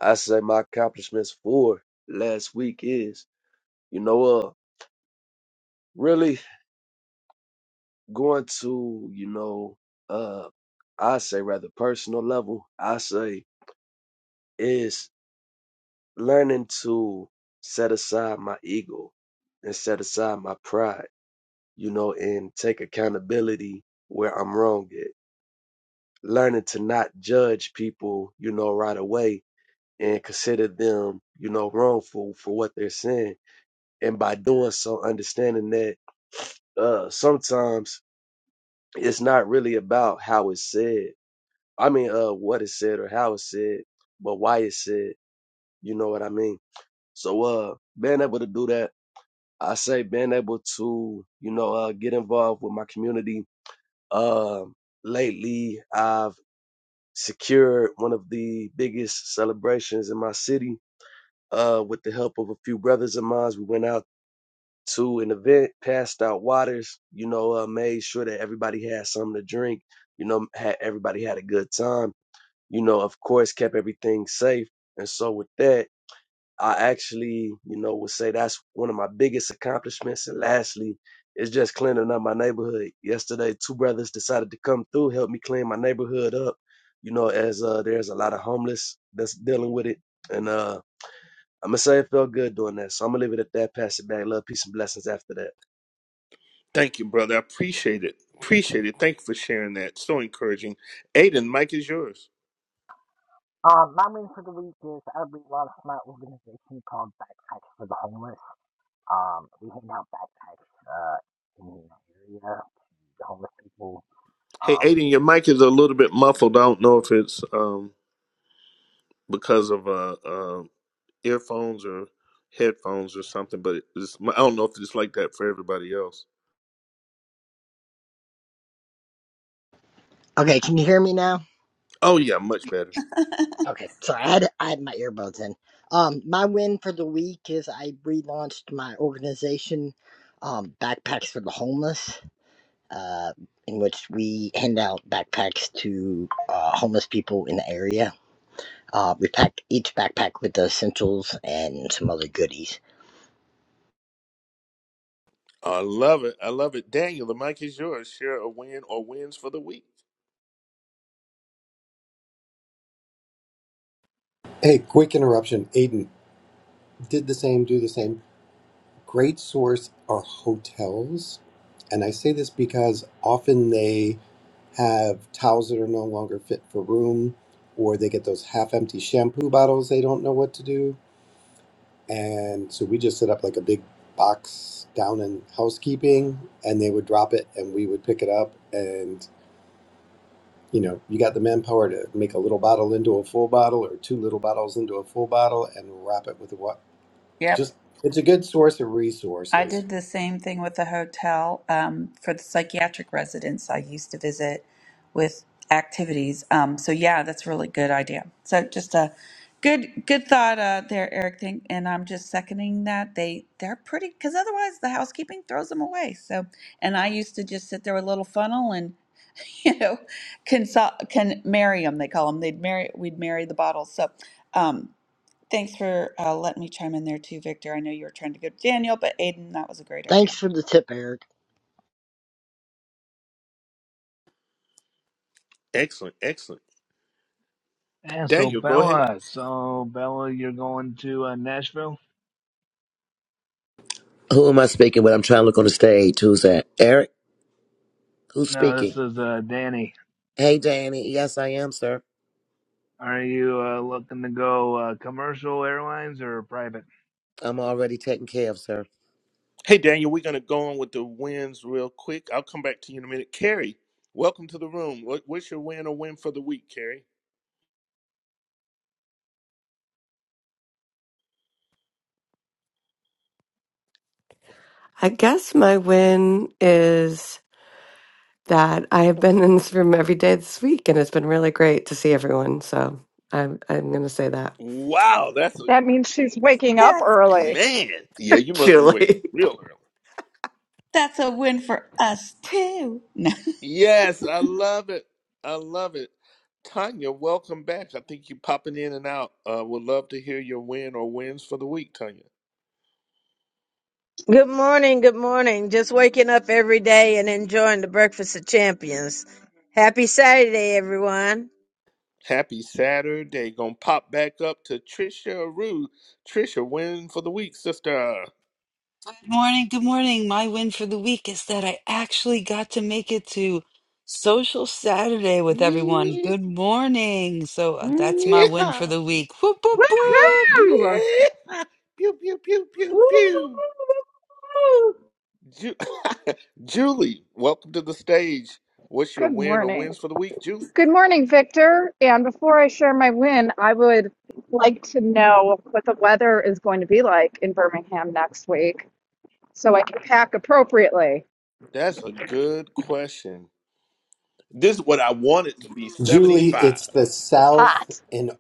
Speaker 15: I say my accomplishments for last week is, you know, uh, really going to, you know, uh, I say rather personal level. I say is learning to set aside my ego and set aside my pride. You know, and take accountability where I'm wrong at learning to not judge people, you know, right away and consider them, you know, wrongful for what they're saying. And by doing so, understanding that uh, sometimes it's not really about how it's said. I mean, uh, what is said or how it's said, but why it's said. You know what I mean? So, uh, being able to do that, I say being able to, you know, uh, get involved with my community. Um, lately, I've secured one of the biggest celebrations in my city uh, with the help of a few brothers of mine. We went out to an event, passed out waters, you know, uh, made sure that everybody had something to drink, you know, had, everybody had a good time, you know, of course, kept everything safe. And so with that, I actually, you know, would say that's one of my biggest accomplishments. And lastly, it's just cleaning up my neighborhood. Yesterday, two brothers decided to come through, help me clean my neighborhood up. You know, as uh, there's a lot of homeless that's dealing with it, and uh, I'm gonna say it felt good doing that. So I'm gonna leave it at that. Pass it back. Love, peace, and blessings after that.
Speaker 1: Thank you, brother. I appreciate it. Appreciate it. Thank you for sharing that. So encouraging. Aiden, mic is yours.
Speaker 16: Um, my win for the week is I relaunched my organization called Backpacks for the Homeless. Um, we hand out backpacks uh, in the area to the homeless people.
Speaker 1: Hey,
Speaker 16: Um,
Speaker 1: Aiden, your mic is a little bit muffled. I don't know if it's um because of uh, uh earphones or headphones or something, but it's, I don't know if it's like that for everybody else.
Speaker 16: okay, can you hear me now?
Speaker 1: Oh yeah, much better.
Speaker 16: Okay, sorry, I had I had my earbuds in. Um, my win for the week is I relaunched my organization, um, Backpacks for the Homeless, uh, in which we hand out backpacks to uh, homeless people in the area Uh, we packed each backpack with the essentials and some other goodies.
Speaker 1: I love it. I love it. Daniel, the mic is yours. Share a win or wins for the week.
Speaker 9: Hey, quick interruption. Aiden did the same, do the same. Great source are hotels. And I say this because often they have towels that are no longer fit for room, or they get those half empty shampoo bottles they don't know what to do. And so we just set up like a big box down in housekeeping and they would drop it and we would pick it up and you know, you got the manpower to make a little bottle into a full bottle or two little bottles into a full bottle and wrap it with what
Speaker 3: Yep.
Speaker 9: just it's a good source of
Speaker 3: I
Speaker 9: resources.
Speaker 3: did the same thing with the hotel um, for the psychiatric residents I used to visit with activities. Um, so yeah, that's a really good idea. So just a good good thought uh, there, Eric. Thing, and I'm just seconding that. They they're pretty because otherwise the housekeeping throws them away. So and I used to just sit there with a little funnel and [laughs] you know consult can marry them. They call them. They'd marry we'd marry the bottles. So. Um, Thanks for uh, letting me chime in there too, Victor. I know you were trying to go to Daniel, but Aiden, that was a great
Speaker 16: Thanks
Speaker 3: idea.
Speaker 16: for the tip, Eric.
Speaker 1: Excellent, excellent.
Speaker 4: Yeah, so
Speaker 1: Daniel, go ahead.
Speaker 4: Bella, so Bella, you're going to uh, Nashville?
Speaker 14: Who am I speaking with? I'm trying to look on the stage. Who's that? Eric? Who's
Speaker 4: No,
Speaker 14: speaking?
Speaker 4: this is uh, Danny.
Speaker 14: Hey, Danny. Yes, I am, sir.
Speaker 4: Are you uh, looking to go uh, commercial airlines or private?
Speaker 14: I'm already taken care of, sir.
Speaker 1: Hey Daniel, we're gonna go on with the wins real quick. I'll come back to you in a minute. Carrie, welcome to the room. What, what's your win or win for the week, Carrie?
Speaker 17: I guess my win is that I have been in this room every day this week, and it's been really great to see everyone. So I'm I'm gonna say that.
Speaker 1: Wow, that's a
Speaker 18: That means
Speaker 1: good
Speaker 18: she's waking up
Speaker 3: That's
Speaker 1: one.
Speaker 18: early.
Speaker 1: man. Yeah, you
Speaker 17: [laughs]
Speaker 1: must be waking up
Speaker 17: Julie.
Speaker 1: real early.
Speaker 3: that's a win for us too. No. [laughs]
Speaker 1: Yes, I love it. I love it. Tanya, welcome back. I think you're popping in and out. Uh, would love to hear your win or wins for the week, Tanya.
Speaker 19: Good morning, good morning. Just waking up every day and enjoying the breakfast of champions. Happy Saturday, everyone.
Speaker 1: Happy Saturday. Gonna pop back up to Trisha Rue. Trisha, win for the week, sister.
Speaker 20: Good morning. Good morning. My win for the week is that I actually got to make it to Social Saturday with everyone.
Speaker 1: [laughs]
Speaker 20: Good morning. So uh,
Speaker 1: Yeah.
Speaker 20: that's my win for
Speaker 1: Yeah.
Speaker 20: the week. Whoop, whoop, whoop.
Speaker 18: Woohoo!
Speaker 1: Yeah. Pew, pew, pew, pew, pew. Ju- [laughs] Julie, welcome to the stage. What's your
Speaker 18: Good
Speaker 1: win or
Speaker 18: morning.
Speaker 1: wins for the week, Julie?
Speaker 18: Good morning, Victor. And before I share my win, I would like to know what the weather is going to be like in Birmingham next week so I can pack appropriately.
Speaker 1: That's a good question. This is what I wanted to be
Speaker 9: Julie,
Speaker 1: 75.
Speaker 9: it's the
Speaker 18: It's
Speaker 9: South
Speaker 18: hot.
Speaker 9: in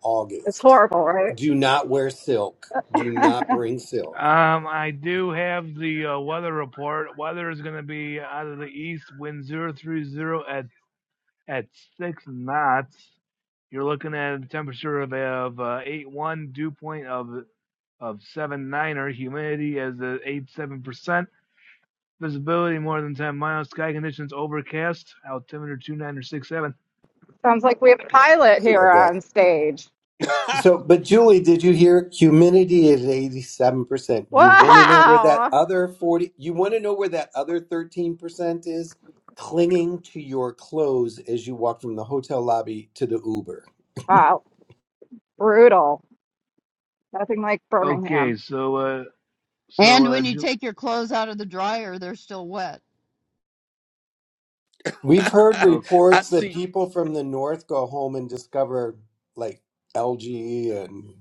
Speaker 18: It's
Speaker 9: August.
Speaker 18: horrible, right?
Speaker 9: Do not wear silk. Do
Speaker 18: [laughs]
Speaker 9: not bring silk.
Speaker 4: Um, I do have the uh, weather report. Weather is going to be out of the east, wind zero three zero at at six knots. You're looking at a temperature of, of uh, eight one. dew point of of seven nine, or humidity as eight seven percent. Visibility more than 10 miles. Sky conditions overcast. Altimeter two nine or six seven.
Speaker 18: Sounds like we have a pilot
Speaker 9: I
Speaker 18: here
Speaker 9: love that.
Speaker 18: on stage.
Speaker 1: [laughs]
Speaker 9: So, but Julie, did you hear humidity is 87%? You want to know where that
Speaker 18: Wow!
Speaker 9: other 40, you want to know where that other 13% is? Clinging to your clothes as you walk from the hotel lobby to the Uber.
Speaker 18: Wow. Brutal. Nothing like Birmingham.
Speaker 4: Okay, so, uh, so,
Speaker 2: And
Speaker 4: uh,
Speaker 2: when you
Speaker 4: Ju-
Speaker 2: take your clothes out of the dryer, they're still wet.
Speaker 9: We've heard
Speaker 4: oh,
Speaker 1: I
Speaker 9: reports that
Speaker 1: see
Speaker 9: people from the north go home and discover like algae and,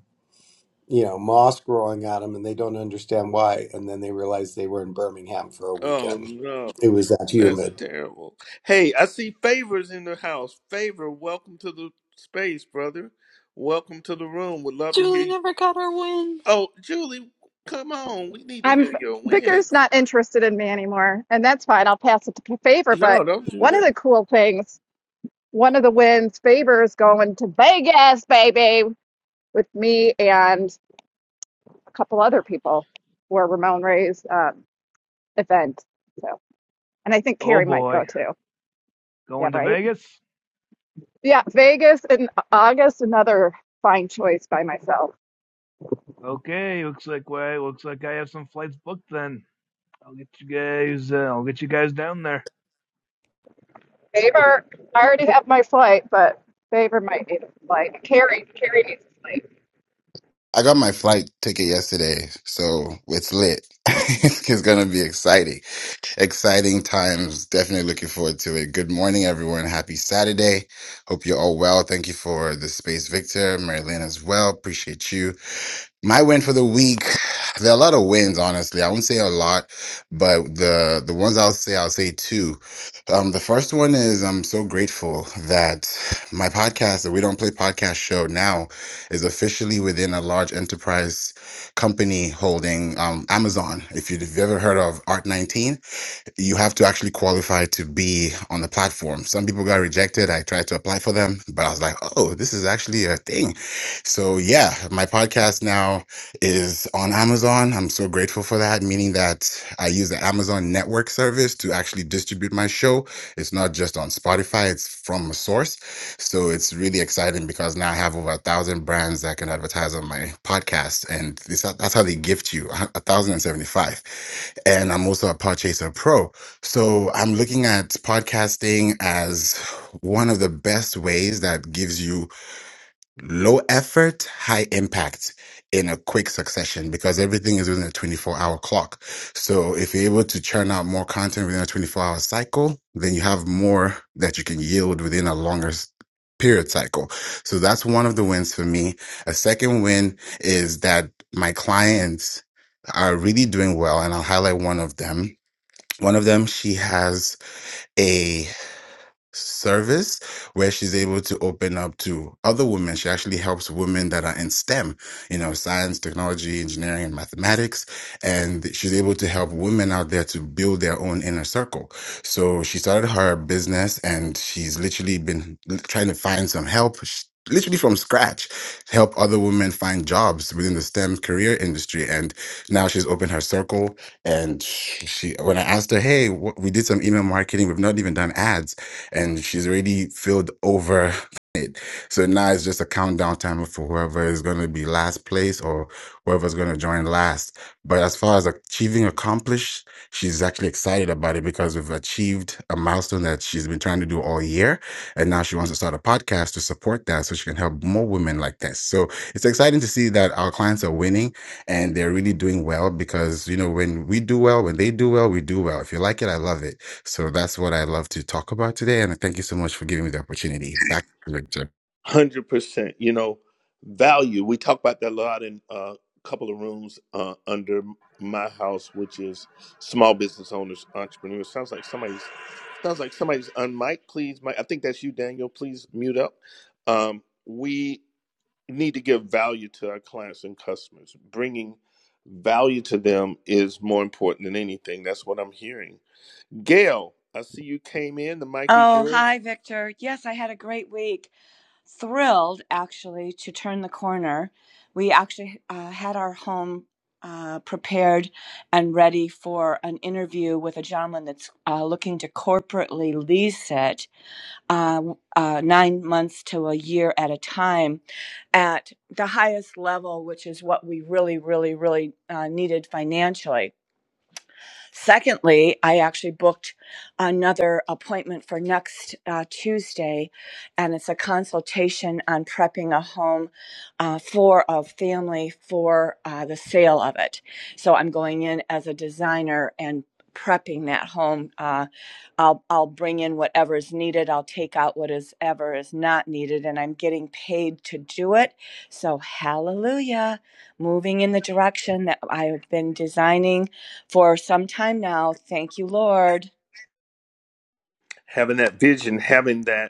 Speaker 9: you know, moss growing on them and they don't understand why. And then they realize they were in Birmingham for a
Speaker 1: Oh
Speaker 9: weekend.
Speaker 1: no,
Speaker 9: It was that
Speaker 1: that's
Speaker 9: humid.
Speaker 1: terrible. Hey, I see favors in the house. Favor, welcome to the space, brother. Welcome to the room. Would love to hear
Speaker 20: Julie
Speaker 1: you.
Speaker 20: never got her win.
Speaker 1: Oh, Julie, come on. We need to
Speaker 18: I'm
Speaker 1: hear your win.
Speaker 18: Victor's not interested in me anymore, and that's fine. I'll pass it to Favor. But
Speaker 1: No, don't do
Speaker 18: one of
Speaker 1: that.
Speaker 18: the cool things, one of the wins, Favor is going to Vegas, baby, with me and a couple other people for Ramon Ray's um, event. So, and I think
Speaker 4: oh
Speaker 18: Carrie might
Speaker 4: boy.
Speaker 18: go too. Yeah,
Speaker 4: Going to
Speaker 18: right.
Speaker 4: Vegas?
Speaker 18: Yeah, Vegas in August. Another fine choice by myself.
Speaker 4: Okay, looks like, way. looks like I have some flights booked then. I'll get you guys, uh, I'll get you guys down there.
Speaker 18: Favor, I already have my flight, but Favor might need a flight. Carrie, Carrie needs a flight.
Speaker 21: I got my flight ticket yesterday, so it's lit. [laughs] it's gonna be exciting. Exciting times. Definitely looking forward to it. Good morning, everyone. Happy Saturday. Hope you're all well. Thank you for the space, Victor, Marilyn as well. Appreciate you. My win for the week. There are a lot of wins, honestly. I won't say a lot, but the the ones I'll say, I'll say two. Um, the first one is I'm so grateful that my podcast, the We Don't Play podcast show, now is officially within a large enterprise company holding um, Amazon. If you've ever heard of Art19, you have to actually qualify to be on the platform. Some people got rejected. I tried to apply for them, but I was like, oh, this is actually a thing. So, yeah, my podcast now is on Amazon. I'm so grateful for that, meaning that I use the Amazon network service to actually distribute my show. It's not just on Spotify, it's from a source. So, it's really exciting because now I have over a thousand brands that can advertise on my podcast. And it's, that's how they gift you a 1,075 and I'm also a Podchaser Pro. So I'm looking at podcasting as one of the best ways that gives you low effort, high impact in a quick succession because everything is within a 24 hour clock. So if you're able to churn out more content within a 24 hour cycle, then you have more that you can yield within a longer s- period cycle. So that's one of the wins for me. A second win is that my clients are really doing well and I'll highlight one of them. One of them, she has service where she's able to open up to other women. She actually helps women that are in STEM, you know, science, technology, engineering, and mathematics. And she's able to help women out there to build their own inner circle. So she started her business and she's literally been l- trying to find some help. sh- Literally from scratch, help other women find jobs within the STEM career industry. And now she's opened her circle. And she, when I asked her, Hey, wh- we did some email marketing, we've not even done ads and she's already filled over so now it's just a countdown timer for whoever is going to be last place or whoever's going to join last. But as far as achieving accomplished, she's actually excited about it because we've achieved a milestone that she's been trying to do all year. And now she wants to start a podcast to support that so she can help more women like this. So it's exciting to see that our clients are winning and they're really doing well because, you know, when we do well, when they do well, we do well. If you like it, I love it. So that's what I love to talk about today. And thank you so much for giving me the opportunity. Back to you,
Speaker 1: one Hundred percent. You know, value. We talk about that a lot in uh, a couple of rooms uh, under my house, which is small business owners, entrepreneurs. Sounds like somebody's sounds like somebody's on mic. Please, Mike. I think that's you, Daniel. Please mute up. Um, we need to give value to our clients and customers. Bringing value to them is more important than anything. That's what I'm hearing. Gail, I see you came in. The mic is
Speaker 22: Oh,
Speaker 1: yours.
Speaker 22: hi, Victor. Yes, I had a great week. Thrilled, actually, to turn the corner. We actually uh, had our home uh, prepared and ready for an interview with a gentleman that's uh, looking to corporately lease it uh, uh, nine months to a year at a time at the highest level, which is what we really, really, really uh, needed financially Secondly, I actually booked another appointment for next uh, Tuesday, and it's a consultation on prepping a home uh, for a family for uh, the sale of it. So I'm going in as a designer and prepping that home. Uh, I'll I'll bring in whatever is needed. I'll take out what is ever is not needed, and I'm getting paid to do it. So hallelujah, moving in the direction that I have been designing for some time now. Thank you, Lord.
Speaker 1: Having that vision, having that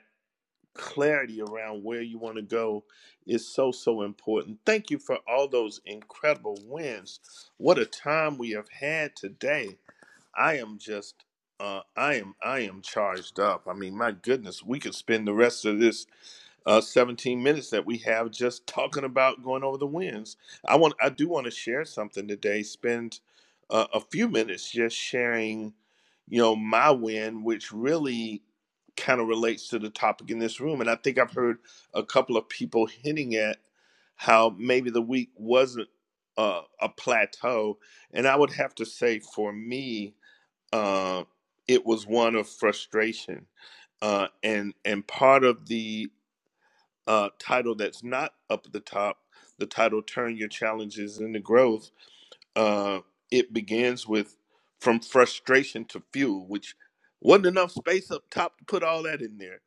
Speaker 1: clarity around where you want to go is so so important. Thank you for all those incredible wins. What a time we have had today. I am just uh I am I am charged up. I mean, my goodness, we could spend the rest of this uh, 17 minutes that we have just [laughs] talking about going over the wins. I want, I do want to share something today. Spend uh, a few minutes just sharing, you know, my win, which really kind of relates to the topic in this room. And I think I've heard a couple of people hinting at how maybe the week wasn't uh, a plateau. And I would have to say, for me, uh, it was one of frustration uh, and and part of the uh, title that's not up at the top, the title Turn Your Challenges into Growth, uh, it begins with From Frustration to Fuel, which wasn't enough space up top to put all that in there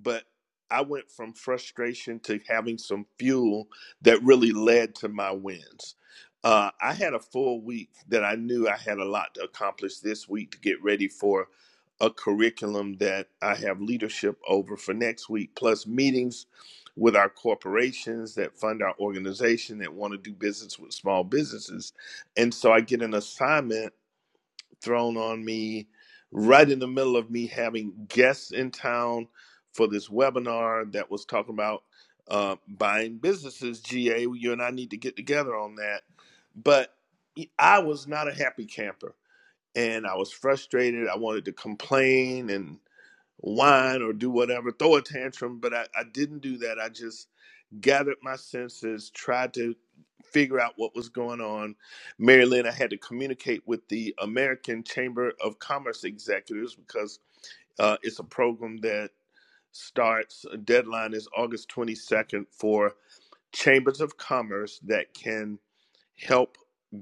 Speaker 1: but I went from frustration to having some fuel that really led to my wins. Uh, I had a full week that I knew I had a lot to accomplish this week to get ready for a curriculum that I have leadership over for next week, plus meetings with our corporations that fund our organization that want to do business with small businesses. And so I get an assignment thrown on me right in the middle of me having guests in town for this webinar that was talking about uh, buying businesses. GA, you and I need to get together on that. But I was not a happy camper and I was frustrated. I wanted to complain and whine or do whatever, throw a tantrum, but I, I didn't do that. I just gathered my senses, tried to figure out what was going on. Mary Lynn, I had to communicate with the American Chamber of Commerce executives because uh, it's a program that starts, a deadline is August 22nd for chambers of commerce that can help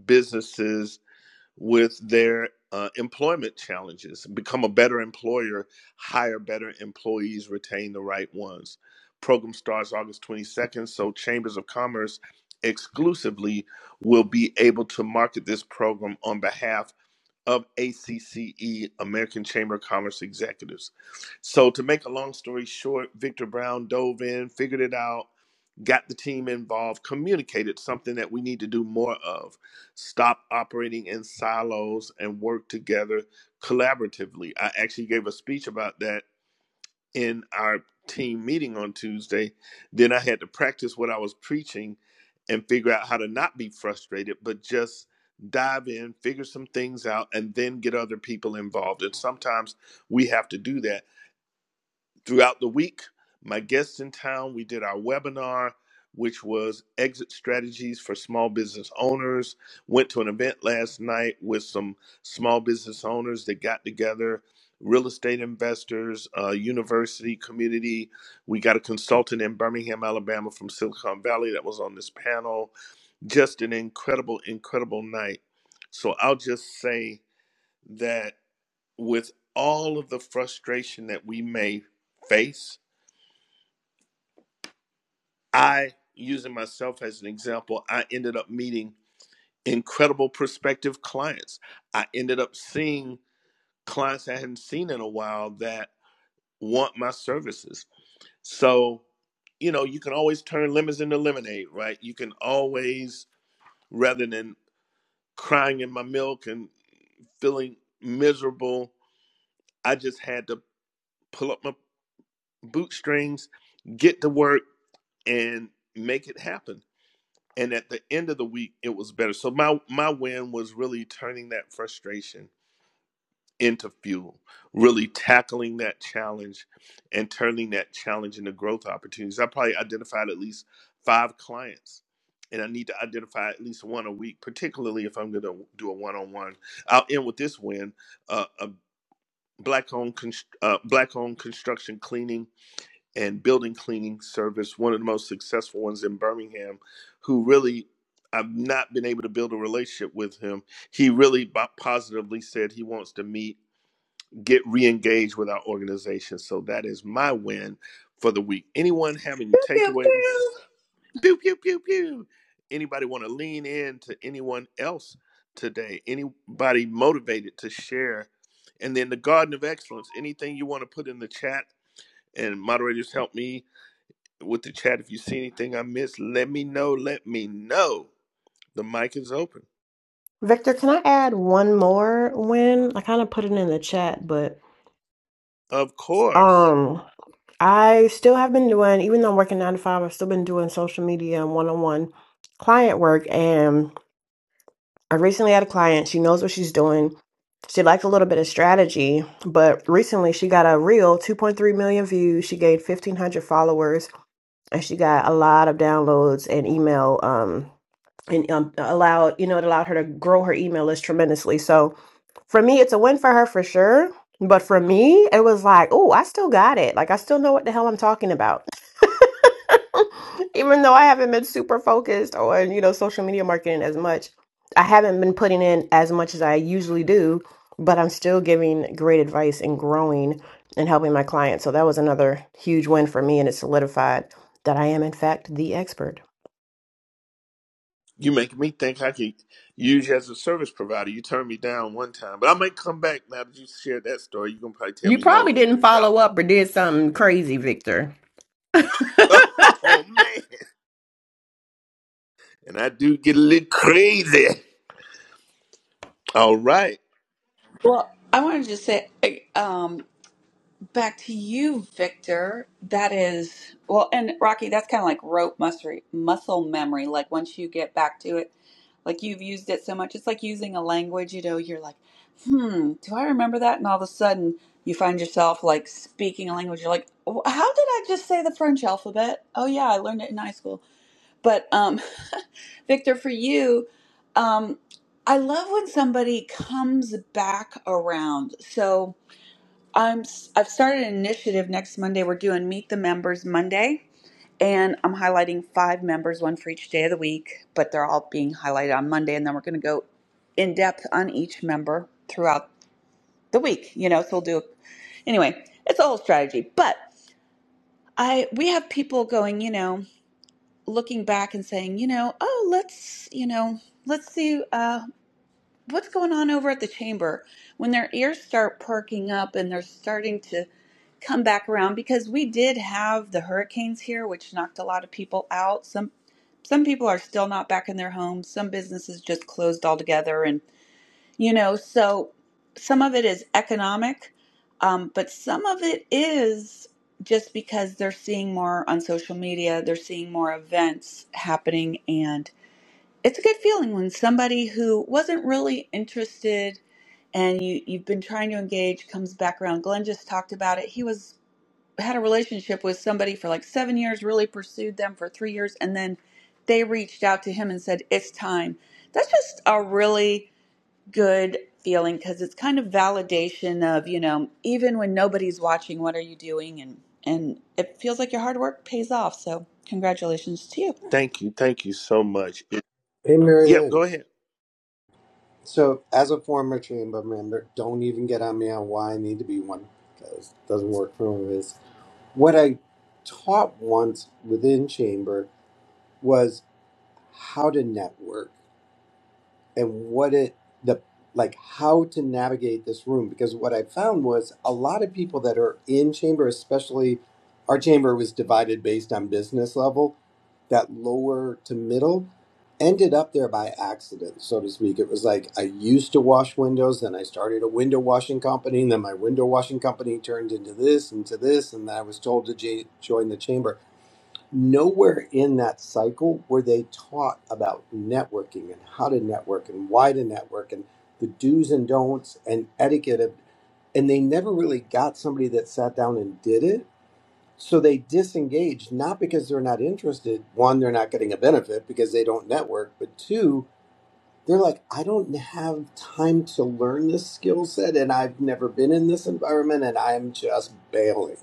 Speaker 1: businesses with their uh, employment challenges. Become a better employer, hire better employees, retain the right ones. Program starts August 22nd, so Chambers of Commerce exclusively will be able to market this program on behalf of ACCE, American Chamber of Commerce Executives. So, to make a long story short, Victor Brown dove in, figured it out, got the team involved, communicated something that we need to do more of. Stop operating in silos and work together collaboratively. I actually gave a speech about that in our team meeting on Tuesday. Then I had to practice what I was preaching and figure out how to not be frustrated, but just dive in, figure some things out, and then get other people involved. And sometimes we have to do that Throughout the week, my guests in town, we did our webinar, which was exit strategies for small business owners. Went to an event last night with some small business owners that got together, real estate investors, uh, university community. We got a consultant in Birmingham, Alabama from Silicon Valley that was on this panel. Just an incredible, incredible night. So I'll just say that with all of the frustration that we may face, I, using myself as an example, I ended up meeting incredible prospective clients. I ended up seeing clients I hadn't seen in a while that want my services. So, you know, you can always turn lemons into lemonade, right? You can always, rather than crying in my milk and feeling miserable, I just had to pull up my bootstrings, get to work, and make it happen and at the end of the week it was better so my my win was really turning that frustration into fuel really tackling that challenge and turning that challenge into growth opportunities i probably identified at least five clients and i need to identify at least one a week particularly if i'm going to do a one-on-one i'll end with this win uh, a black owned const- uh, black owned construction cleaning and building cleaning service, one of the most successful ones in Birmingham, who really I've not been able to build a relationship with him. He really bo- positively said he wants to meet, get re-engaged with our organization. So that is my win for the week. Anyone have any
Speaker 3: Pew, pew,
Speaker 1: takeaways?
Speaker 3: pew.
Speaker 1: Pew pew pew pew. Anybody want to lean in to anyone else today? Anybody motivated to share? And then the Garden of Excellence. Anything you want to put in the chat? And moderators help me with the chat. If you see anything I missed, let me know. Let me know. The mic is open.
Speaker 5: Victor, can I add one more win? I kind of put it in the chat, but
Speaker 1: Of course.
Speaker 5: um I still have been doing, even though I'm working nine to five, I've still been doing social media and one on one client work. and. I recently had a client. She knows what she's doing. She likes a little bit of strategy, but recently she got a reel, 2.3 million views. She gained 1,500 followers, and she got a lot of downloads and email. Um, and um, allowed you know it allowed her to grow her email list tremendously. So for me, it's a win for her for sure. But for me, it was like, oh, I still got it. Like I still know what the hell I'm talking about. [laughs] Even though I haven't been super focused on, you know, social media marketing as much, I haven't been putting in as much as I usually do, but I'm still giving great advice and growing and helping my clients. So that was another huge win for me and it solidified that I am in fact the expert.
Speaker 1: You make me think I could use you as a service provider. You turned me down one time, but I might come back now that you shared that story. You're going to probably tell
Speaker 5: You
Speaker 1: me no,
Speaker 5: probably didn't
Speaker 1: Victor.
Speaker 5: follow
Speaker 1: No.
Speaker 5: up or did something crazy, Victor.
Speaker 1: [laughs] Oh, man. And I do get a little crazy. All right.
Speaker 3: Well, I want to just say, um, Back to you, Victor. That is, well, and Rocky, that's kind of like rope muscle muscle memory. Like once you get back to it, like you've used it so much, it's like using a language, you know, you're like, hmm, do I remember that? And all of a sudden you find yourself like speaking a language. You're like, "Wh- how did I just say the French alphabet? Oh yeah, I learned it in high school. But um, [laughs] Victor, for you, um, I love when somebody comes back around. So, I'm s- I've started an initiative next Monday. We're doing Meet the Members Monday, and I'm highlighting five members, one for each day of the week, but they're all being highlighted on Monday, and then we're going to go in depth on each member throughout the week. You know, so we'll do anyway. It's a whole strategy, but I we have people going, you know, looking back and saying, you know, oh, let's you know, let's see uh, what's going on over at the chamber when their ears start perking up and they're starting to come back around because we did have the hurricanes here, which knocked a lot of people out. Some some people are still not back in their homes. Some businesses just closed altogether, and you know, so some of it is economic, um, but some of it is just because they're seeing more on social media, they're seeing more events happening, and it's a good feeling when somebody who wasn't really interested and you you've been trying to engage comes back around. Glenn just talked about it. He was had a relationship with somebody for like seven years, really pursued them for three years, and then they reached out to him and said, It's time. That's just a really good feeling because it's kind of validation of, you know, even when nobody's watching, what are you doing? And and it feels like your hard work pays off. So congratulations to you.
Speaker 1: Thank you. Thank you so much.
Speaker 9: Hey, Mary
Speaker 1: Yep,
Speaker 9: Lynn.
Speaker 1: go ahead.
Speaker 9: So, as a former chamber member, don't even get on me on why I need to be one because it doesn't work for one of us. What I taught once within chamber was how to network and what it the like how to navigate this room because what I found was a lot of people that are in chamber, especially our chamber was divided based on business level, that lower to middle ended up there by accident, so to speak. It was like I used to wash windows, then I started a window washing company, and then my window washing company turned into this, into this, and then I was told to j- join the chamber nowhere in that cycle were they taught about networking and how to network and why to network and the do's and don'ts and etiquette of and they never really got somebody that sat down and did it so they disengaged not because they're not interested one they're not getting a benefit because they don't network but two they're like i don't have time to learn this skill set and i've never been in this environment and i'm just bailing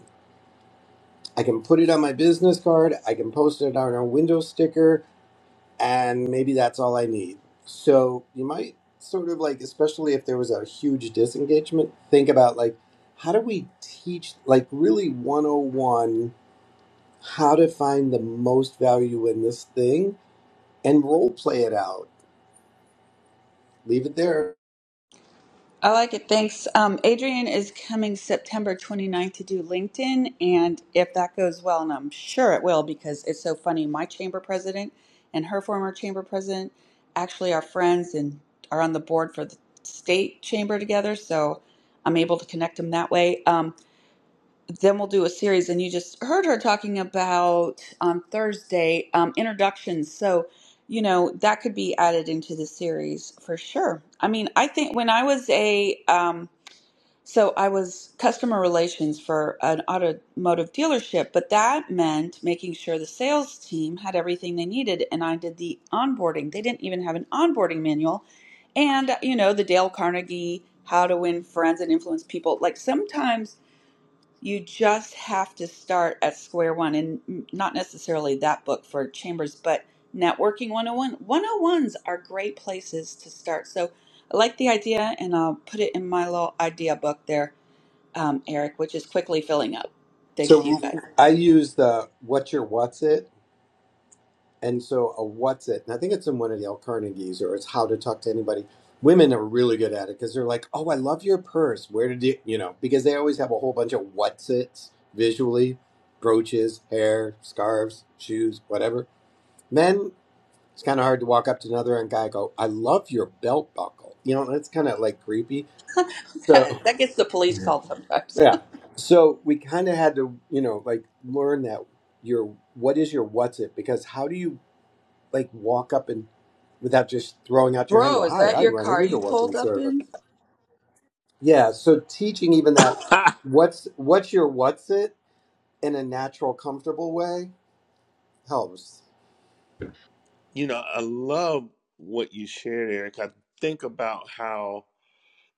Speaker 9: I can put it on my business card, I can post it on a window sticker, and maybe that's all I need. So you might sort of like, especially if there was a huge disengagement, think about like, how do we teach, like, really 101 how to find the most value in this thing and role play it out? Leave it there.
Speaker 3: I like it. Thanks. Um, Adrian is coming September 29th to do LinkedIn. And if that goes well, and I'm sure it will because it's so funny, my chamber president and her former chamber president actually are friends and are on the board for the state chamber together. So I'm able to connect them that way. Um, then we'll do a series. And you just heard her talking about on Thursday um, introductions. So, you know, that could be added into the series for sure. I mean, I think when I was a, um, so I was customer relations for an automotive dealership, but that meant making sure the sales team had everything they needed. And I did the onboarding. They didn't even have an onboarding manual. And, you know, the Dale Carnegie, how to win friends and influence people. Like sometimes you just have to start at square one and not necessarily that book for Chambers, but Networking 101. 101s are great places to start. So I like the idea and I'll put it in my little idea book there, um, Eric, which is quickly filling up. Thanks to you
Speaker 9: So
Speaker 3: guys.
Speaker 9: I use the what's your what's it And so a what's it, and I think it's in one of the L. Carnegie's or it's how to talk to anybody. Women are really good at it because they're like, oh, I love your purse. Where did you, you know, because they always have a whole bunch of what's it's visually, brooches, hair, scarves, shoes, whatever. Men, it's kind of hard to walk up to another and guy and go, I love your belt buckle. You know, that's kind of like creepy.
Speaker 3: [laughs]
Speaker 9: So,
Speaker 3: that gets the police called sometimes.
Speaker 9: yeah. So we kind of had to, you know, like learn that your what is your what's it because how do you like walk up and without just throwing
Speaker 3: [laughs]
Speaker 9: out your hand
Speaker 3: Bro,
Speaker 9: go
Speaker 3: is
Speaker 9: hi
Speaker 3: that
Speaker 9: i
Speaker 3: your
Speaker 9: run a
Speaker 3: car you
Speaker 9: window washing
Speaker 3: pulled up
Speaker 9: service
Speaker 3: in?
Speaker 9: yeah so teaching even that
Speaker 1: [coughs]
Speaker 9: what's what's your what's it in a natural comfortable way helps
Speaker 1: [laughs] you know, I love what you shared, Eric. I think about how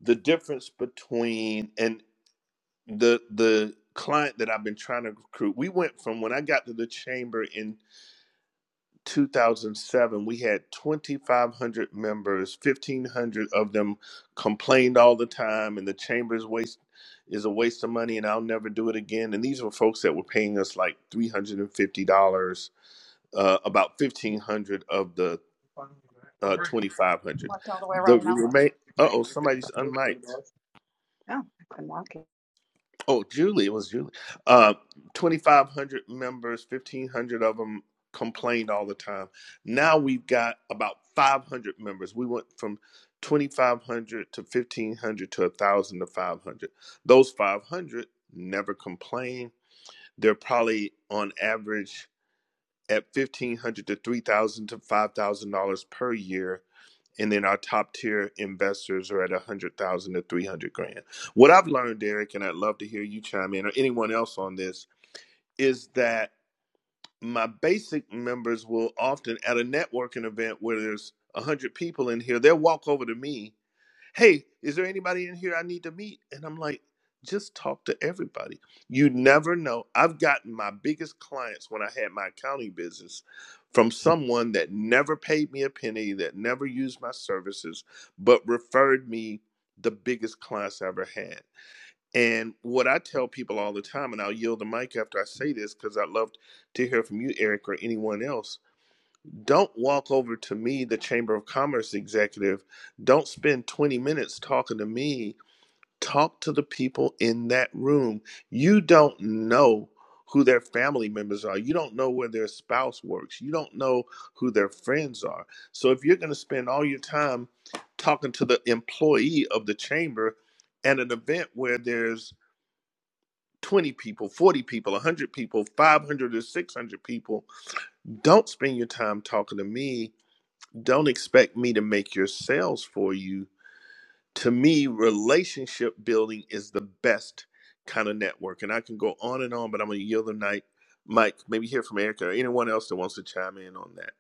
Speaker 1: the difference between, and. the the client that I've been trying to recruit, we went from when I got to the chamber in 2007, we had 2,500 members, 1,500 of them complained all the time, and the chamber's waste is a waste of money, and I'll never do it again. And these were folks that were paying us like $350, uh, about 1,500 of the uh, 2,500.
Speaker 18: Walked all the way
Speaker 1: The
Speaker 18: around Mellow.
Speaker 1: remain, uh oh, somebody's unmiked.
Speaker 18: Oh, I've been walking.
Speaker 1: Oh, Julie, it was Julie. Uh, 2,500 members, 1,500 of them complained all the time. Now we've got about 500 members. We went from 2,500 to 1,500 to 1,000 to 500. Those 500 never complain. They're probably on average at 1,500 to 3,000 to $5,000 per year and then our top tier investors are at 100,000 to 300 grand. What I've learned, Derek, and I'd love to hear you chime in or anyone else on this, is that my basic members will often at a networking event where there's 100 people in here, they'll walk over to me hey, is there anybody in here I need to meet? And I'm like, just talk to everybody. You never know. I've gotten my biggest clients when I had my accounting business from someone that never paid me a penny, that never used my services, but referred me the biggest clients I ever had. And what I tell people all the time, and I'll yield the mic after I say this because I'd love to hear from you, Eric, or anyone else don't walk over to me, the Chamber of Commerce executive. Don't spend 20 minutes talking to me. Talk to the people in that room. You don't know who their family members are. You don't know where their spouse works. You don't know who their friends are. So if you're going to spend all your time talking to the employee of the chamber at an event where there's 20 people, 40 people, 100 people, 500 or 600 people, don't spend your time talking to me don't expect me to make your sales for you. To me, relationship building is the best kind of network. And I can go on and on, but I'm going to yield the night. Mike, maybe hear from Erica or anyone else that wants to chime in on that.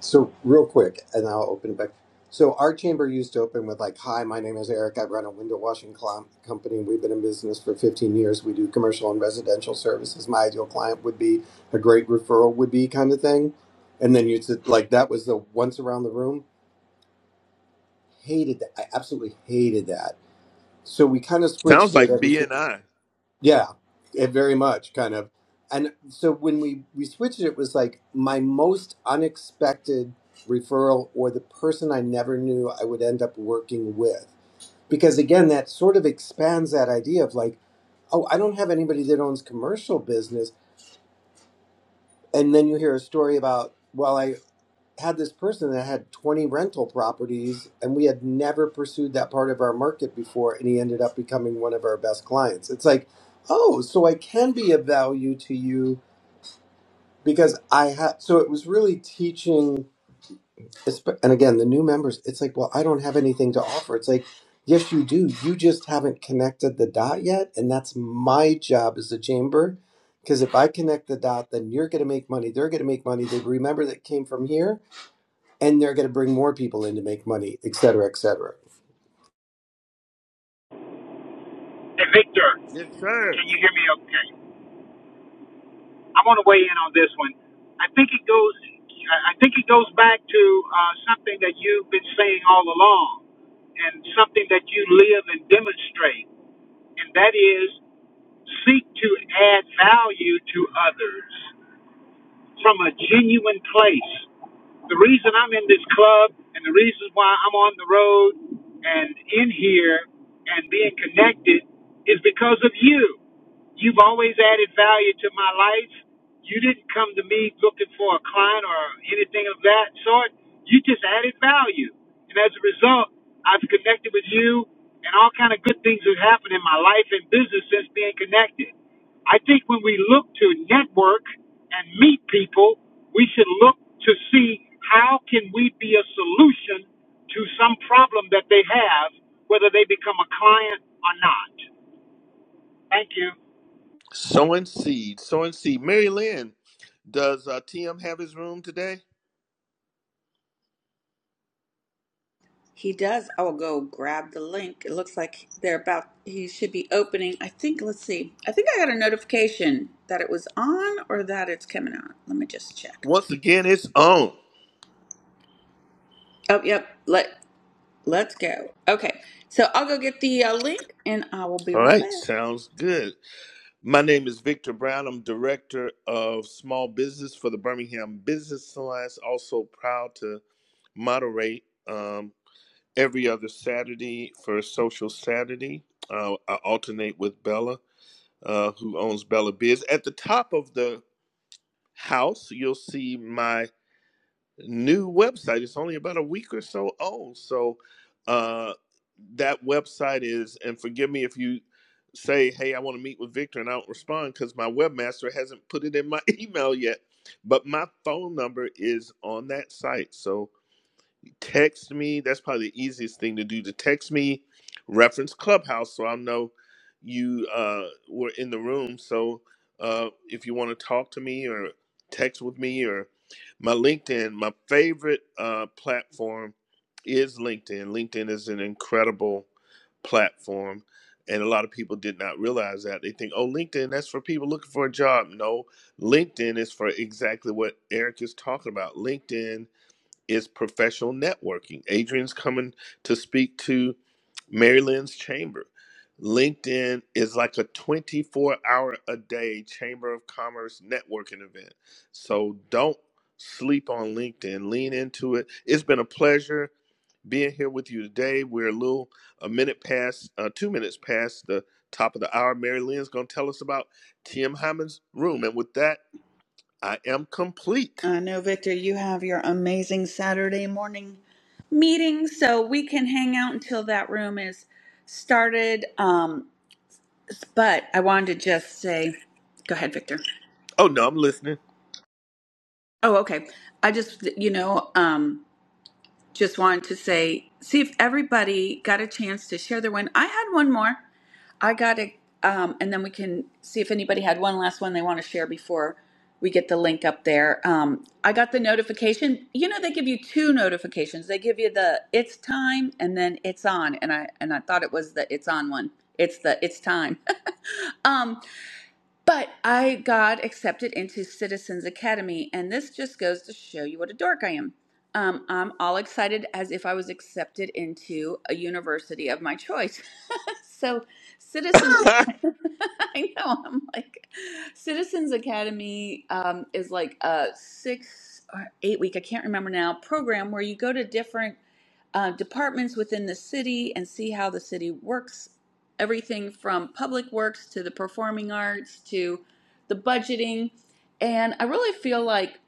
Speaker 9: so real quick and i'll open it back so our chamber used to open with like hi my name is eric i run a window washing cl- company we've been in business for 15 years we do commercial and residential services my ideal client would be a great referral would be kind of thing and then you said like that was the once around the room hated that. I absolutely hated that. So we kind of
Speaker 1: Sounds
Speaker 9: switched it
Speaker 1: like
Speaker 9: every, fif-
Speaker 1: BNI.
Speaker 9: yeah, it very much kind of. And so when we we switched it, it was like my most unexpected referral or the person I never knew I would end up working with. Because again, that sort of expands that idea of like, oh, I don't have anybody that owns commercial business. and then you hear a story about well i had this person that had 20 rental properties and we had never pursued that part of our market before and he ended up becoming one of our best clients it's like oh so i can be of value to you because i had so it was really teaching it's- and again the new members it's like well i don't have anything to offer it's like yes you do you just haven't connected the dot yet and that's my job as a chamber because if i connect the dot then you're going to make money they're going to make money they remember that it came from here and they're going to bring more people in to make money et cetera et cetera
Speaker 8: Hey, Victor,
Speaker 1: Yes, sir.
Speaker 8: can you hear me okay? I want to weigh in on this one. I think it goes. I think it goes back to uh, something that you've been saying all along, and something that you live and demonstrate, and that is seek to add value to others from a genuine place. The reason I'm in this club and the reason why I'm on the road and in here and being connected is because of you. You've always added value to my life. You didn't come to me looking for a client or anything of that sort. You just added value. And as a result, I've connected with you and all kind of good things have happened in my life and business since being connected. I think when we look to network and meet people, we should look to see how can we be a solution to some problem that they have, whether they become a client or not. Thank you.
Speaker 1: Sowing seed, sowing seed. Mary Lynn, does uh, TM have his room today?
Speaker 3: He does. I will go grab the link. It looks like they're about, he should be opening. I think, let's see. I think I got a notification that it was on or that it's coming on. Let me just check.
Speaker 1: Once again, it's on.
Speaker 3: Oh, yep. Let, let's go. Okay. So I'll go get the uh, link and I will be
Speaker 1: All
Speaker 3: right
Speaker 1: right,
Speaker 3: back.
Speaker 1: sounds good. My name is Victor Brown. I'm Director of Small Business for the Birmingham Business Alliance. Also proud to moderate um, every other Saturday for Social Saturday. Uh, I alternate with Bella, uh, who owns Bella Biz. At the top of the house, you'll see my new website. It's only about a week or so old. So uh, that website is, and forgive me if you say, hey, I want to meet with Victor and I don't respond because my webmaster hasn't put it in my [laughs] email yet. But my phone number is on that site. So text me. That's probably the easiest thing to do to text me, reference Clubhouse, so I'll know you uh, were in the room. So uh, if you want to talk to me or text with me or my LinkedIn, my favorite uh, platform is LinkedIn. LinkedIn is an incredible platform. And a lot of people did not realize that. They think, oh, LinkedIn, that's for people looking for a job. No, LinkedIn is for exactly what Eric is talking about. LinkedIn is professional networking. Adrian's coming to speak to Maryland's chamber. LinkedIn is like a 24 hour a day chamber of commerce networking event. So don't sleep on LinkedIn. Lean into it. It's been a pleasure being here with you today. We're a little, a minute past, uh, two minutes past the top of the hour. Mary Lynn's going to tell us about Tim Hyman's room. And with that, I am complete.
Speaker 3: I know, Victor, you have your amazing Saturday morning meeting, so we can hang out until that room is started. Um, but I wanted to just say, go ahead, Victor.
Speaker 1: Oh, no, I'm listening.
Speaker 3: Oh, okay. I just, you know, um, just wanted to say, see if everybody got a chance to share their win. I had one more. I got it, um, and then we can see if anybody had one last one they want to share before we get the link up there. Um, I got the notification. You know, they give you two notifications. They give you the it's time and then it's on. And I and I thought it was the it's on one. It's the it's time. [laughs] But I got accepted into Citizens Academy, and this just goes to show you what a dork I am. Um, I'm all excited as if I was accepted into a university of my choice. [laughs] so, Citizens,
Speaker 1: [laughs]
Speaker 3: [laughs] I know, I'm like, Citizens Academy um, is like a six or eight week, I can't remember now, program where you go to different uh, departments within the city and see how the city works. Everything from public works to the performing arts to the budgeting. And I really feel like,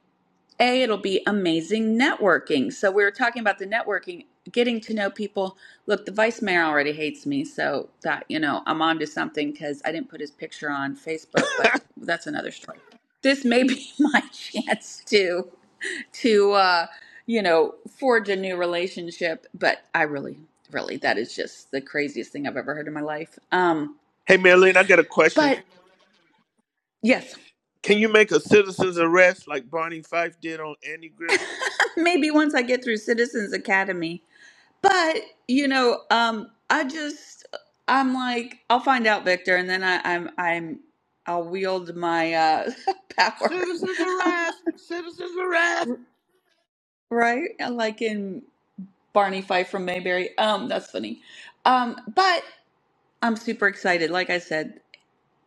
Speaker 3: A, it'll be amazing networking. So we were talking about the networking, getting to know people. Look, the vice mayor already hates me. So that, you know, I'm onto something because I didn't put his picture on Facebook, but that's another story. This may be [laughs] my chance to to uh you know forge a new relationship but i really really that is just the craziest thing i've ever heard in my life um
Speaker 1: Hey, Marilyn, I got a question.
Speaker 3: but yes
Speaker 1: Can you make a citizen's arrest like Barney Fife did on Andy Griffin?
Speaker 3: [laughs] maybe once i get through citizens academy but you know um i just i'm like i'll find out victor and then I, i'm i'm i'll wield my uh [laughs] power
Speaker 1: Citizen's arrest! Citizen's arrest!
Speaker 3: right like in barney fife from mayberry um that's funny um but i'm super excited like i said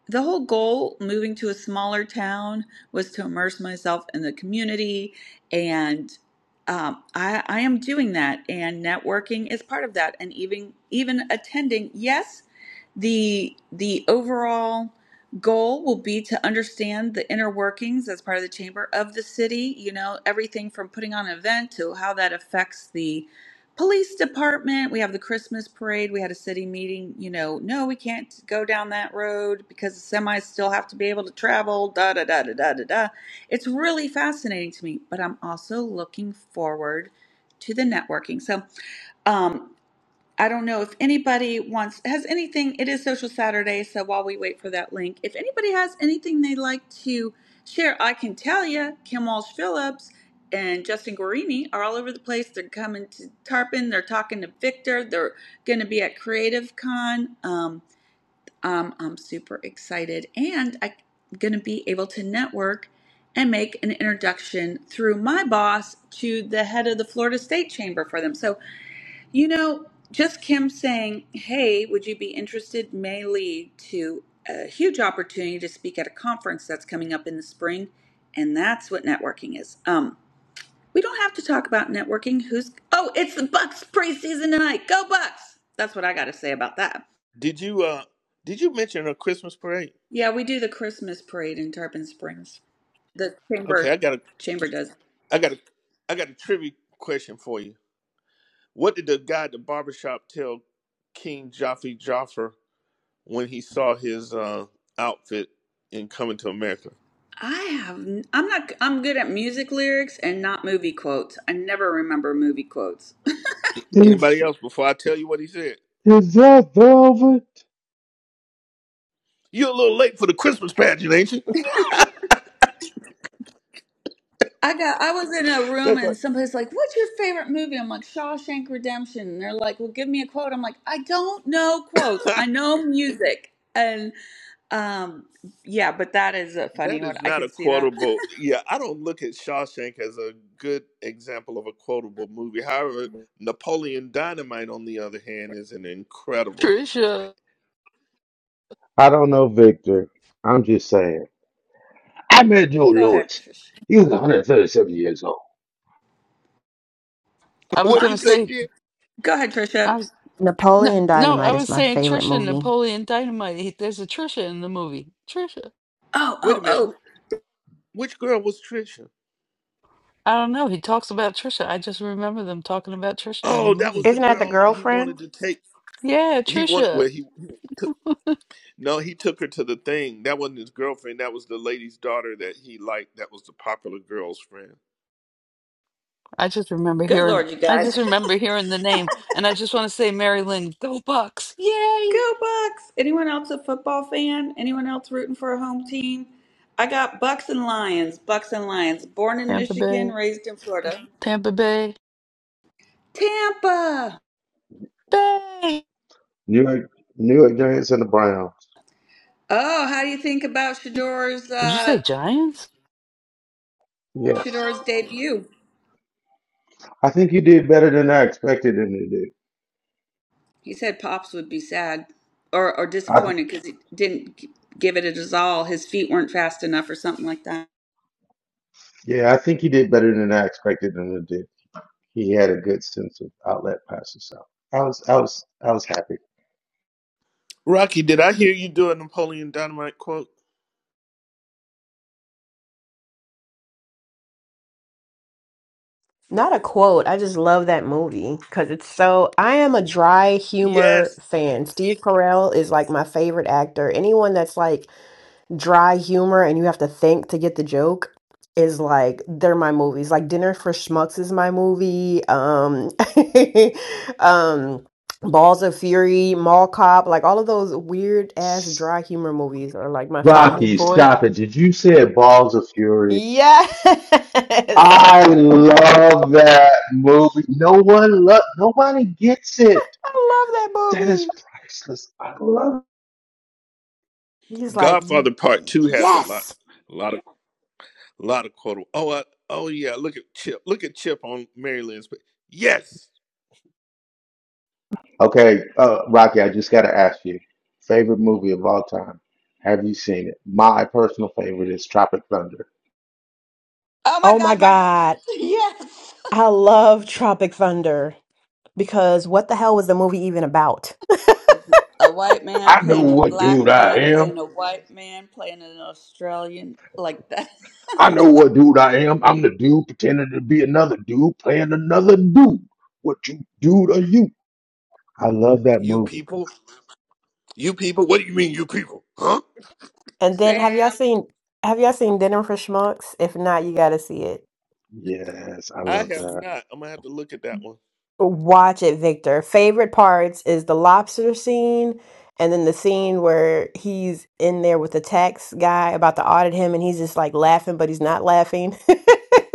Speaker 3: the whole goal moving to a smaller town was to immerse myself in the community and um, I, I am doing that and networking is part of that and even even attending yes the the overall goal will be to understand the inner workings as part of the chamber of the city you know everything from putting on an event to how that affects the police department. We have the Christmas parade. We had a city meeting. You know, no, we can't go down that road because the semis still have to be able to travel. Da da da da da da da. It's really fascinating to me, but I'm also looking forward to the networking. So, um, I don't know if anybody wants has anything. It is Social Saturday, so while we wait for that link, if anybody has anything they'd like to share, I can tell you, Kim Walsh Phillips and Justin Guarini are all over the place. They're coming to Tarpon. They're talking to Victor. They're going to be at Creative Con. Um, um, I'm super excited, and I'm going to be able to network and make an introduction through my boss to the head of the Florida State Chamber for them. So you know, just Kim saying, Hey, would you be interested? may lead to a huge opportunity to speak at a conference that's coming up in the spring. And that's what networking is. Um, we don't have to talk about networking. Who's oh, it's the Bucks preseason tonight. Go Bucks! That's what I gotta say about that.
Speaker 1: Did you uh did you mention a Christmas parade?
Speaker 3: Yeah, we do the Christmas parade in Tarpon Springs. The
Speaker 1: Okay, I
Speaker 3: chamber
Speaker 1: got a
Speaker 3: chamber does.
Speaker 1: I got a I got a trivia question for you. What did the guy at the barbershop tell King Joffrey Joffer when he saw his uh outfit in coming to America?
Speaker 3: I have n- I'm not I'm good at music lyrics and not movie quotes. I never remember movie quotes.
Speaker 1: Anybody
Speaker 6: Is
Speaker 1: else before I tell you what he said?
Speaker 6: is that velvet?
Speaker 1: You're a little late for the Christmas pageant, ain't you? [laughs]
Speaker 3: I got. I was in a room
Speaker 1: That's right.
Speaker 3: and somebody's like, "What's your favorite movie?" I'm like, "Shawshank Redemption." And they're like, "Well, give me a quote." I'm like, "I don't know quotes. I know music." And um, yeah, but that is a funny
Speaker 1: That
Speaker 3: one.
Speaker 1: is
Speaker 3: I
Speaker 1: not
Speaker 3: can
Speaker 1: a
Speaker 3: see that.
Speaker 1: quotable. Yeah, I don't look at Shawshank as a good example of a quotable movie. However, Napoleon Dynamite, on the other hand, is an incredible.
Speaker 20: Trisha.
Speaker 6: I don't know, Victor. I'm just saying. I met Joe
Speaker 3: [laughs] Go ahead,
Speaker 6: Lewis.
Speaker 3: Trish.
Speaker 6: He was 137 years old.
Speaker 1: [laughs]
Speaker 20: I was
Speaker 1: What'd
Speaker 3: Mom,
Speaker 20: going
Speaker 1: you
Speaker 20: to
Speaker 1: say,
Speaker 20: say,
Speaker 1: Jen?
Speaker 3: go ahead, Trisha.
Speaker 20: I was, no,
Speaker 5: Napoleon
Speaker 20: no, I
Speaker 5: Dynamite is
Speaker 20: was
Speaker 5: my
Speaker 20: saying
Speaker 5: favorite
Speaker 20: Trisha,
Speaker 5: movie.
Speaker 20: Napoleon Dynamite. He, there's a Trisha in the movie. Trisha.
Speaker 3: Oh,
Speaker 1: Wait a
Speaker 3: oh,
Speaker 1: minute.
Speaker 3: oh!
Speaker 1: wh- Which girl was Trisha?
Speaker 20: I don't know. He talks about Trisha. I just remember them talking about Trisha in the
Speaker 1: Oh, that was
Speaker 20: movie.
Speaker 1: the
Speaker 5: Isn't that the
Speaker 1: girl he
Speaker 5: girlfriend?
Speaker 1: wanted to take.
Speaker 20: Yeah,
Speaker 1: He wanted.
Speaker 20: Trisha.
Speaker 1: Well, he no, he took her to the thing. That wasn't his girlfriend. That was the lady's daughter that he liked. That was the popular girl's friend.
Speaker 20: I just remember
Speaker 3: Good
Speaker 20: hearing
Speaker 3: lord, you
Speaker 20: I
Speaker 3: guys.
Speaker 20: just remember hearing the name and I just want to say Mary Lynn, go Bucks.
Speaker 3: [laughs]
Speaker 20: Yay!
Speaker 3: Go Bucks! Anyone else a football fan? Anyone else rooting for a home team? I got Bucks and Lions. Bucks and Lions. Born in
Speaker 20: Tampa
Speaker 3: Michigan,
Speaker 20: Bay.
Speaker 3: raised in Florida.
Speaker 20: Tampa Bay.
Speaker 3: Tampa.
Speaker 20: Bay.
Speaker 6: New York, New York Giants and the Browns.
Speaker 3: Oh, how do you think about Shador's
Speaker 20: Did you say
Speaker 3: uh,
Speaker 20: Giants?
Speaker 6: Yes,
Speaker 3: Shador's debut?
Speaker 6: I think he did better than I expected him to do.
Speaker 3: He said Pops would be sad or or
Speaker 6: I,
Speaker 3: disappointed because he didn't g- give it a all. His feet weren't fast enough or something like that.
Speaker 6: yeah, I think he did better than I expected him to do. he had a good sense of outlet past himself. I was I was I was happy.
Speaker 1: Rocky, did I hear you do a Napoleon Dynamite quote?
Speaker 5: Not a quote. I just love that movie because it's so. I am a dry humor
Speaker 1: Yes,
Speaker 5: fan. Steve Carell is like my favorite actor. Anyone that's like dry humor and you have to think to get the joke is like they're my movies. Like Dinner for Schmucks is my movie. Um, [laughs] um, Balls of Fury, Mall Cop, like all of those weird ass dry humor movies are like my
Speaker 20: Tommy
Speaker 5: fave.
Speaker 6: Rocky,
Speaker 20: boy.
Speaker 6: stop it. Did you say Balls of Fury?
Speaker 5: Yes, [laughs]
Speaker 6: I love that movie. No one lo- nobody gets it.
Speaker 5: I love that
Speaker 6: That is
Speaker 5: movie.
Speaker 6: priceless. I love it.
Speaker 5: He's like, "Y-
Speaker 1: Godfather Part Two has a lot,
Speaker 5: yes.
Speaker 1: a lot of, a lot of quotable. Oh, I, oh yeah. Look at Chip. Look at Chip on Mary Lynn's. pa- Yes,
Speaker 6: Okay, uh, Rocky, I just gotta ask you. Favorite movie of all time. Have you seen it? My personal favorite is Tropic Thunder.
Speaker 3: Oh my
Speaker 5: Oh my
Speaker 3: God, my
Speaker 5: God.
Speaker 3: [laughs] yes,
Speaker 5: I love Tropic Thunder because what the hell was the movie even about? [laughs]
Speaker 3: a, a white man
Speaker 6: I know
Speaker 3: playing a
Speaker 6: what dude
Speaker 3: black
Speaker 6: I
Speaker 3: man
Speaker 6: am.
Speaker 3: playing a white man playing an Australian like that.
Speaker 6: I know what dude I am. I'm the dude pretending to be another dude playing another dude. What you dude are you? I love that
Speaker 1: you
Speaker 6: movie.
Speaker 1: people, you people. What do you mean, you people? Huh?
Speaker 5: And then have
Speaker 3: [laughs]
Speaker 5: y'all seen have y'all seen Dinner for Schmucks? If not, you gotta see it.
Speaker 6: Yes, I
Speaker 1: I
Speaker 6: love
Speaker 1: have
Speaker 6: that.
Speaker 1: not. I'm gonna have to look at that one.
Speaker 5: Watch it, Victor. Favorite parts is the lobster scene and then the scene where he's in there with the tax guy about to audit him and he's just like laughing, but he's not laughing.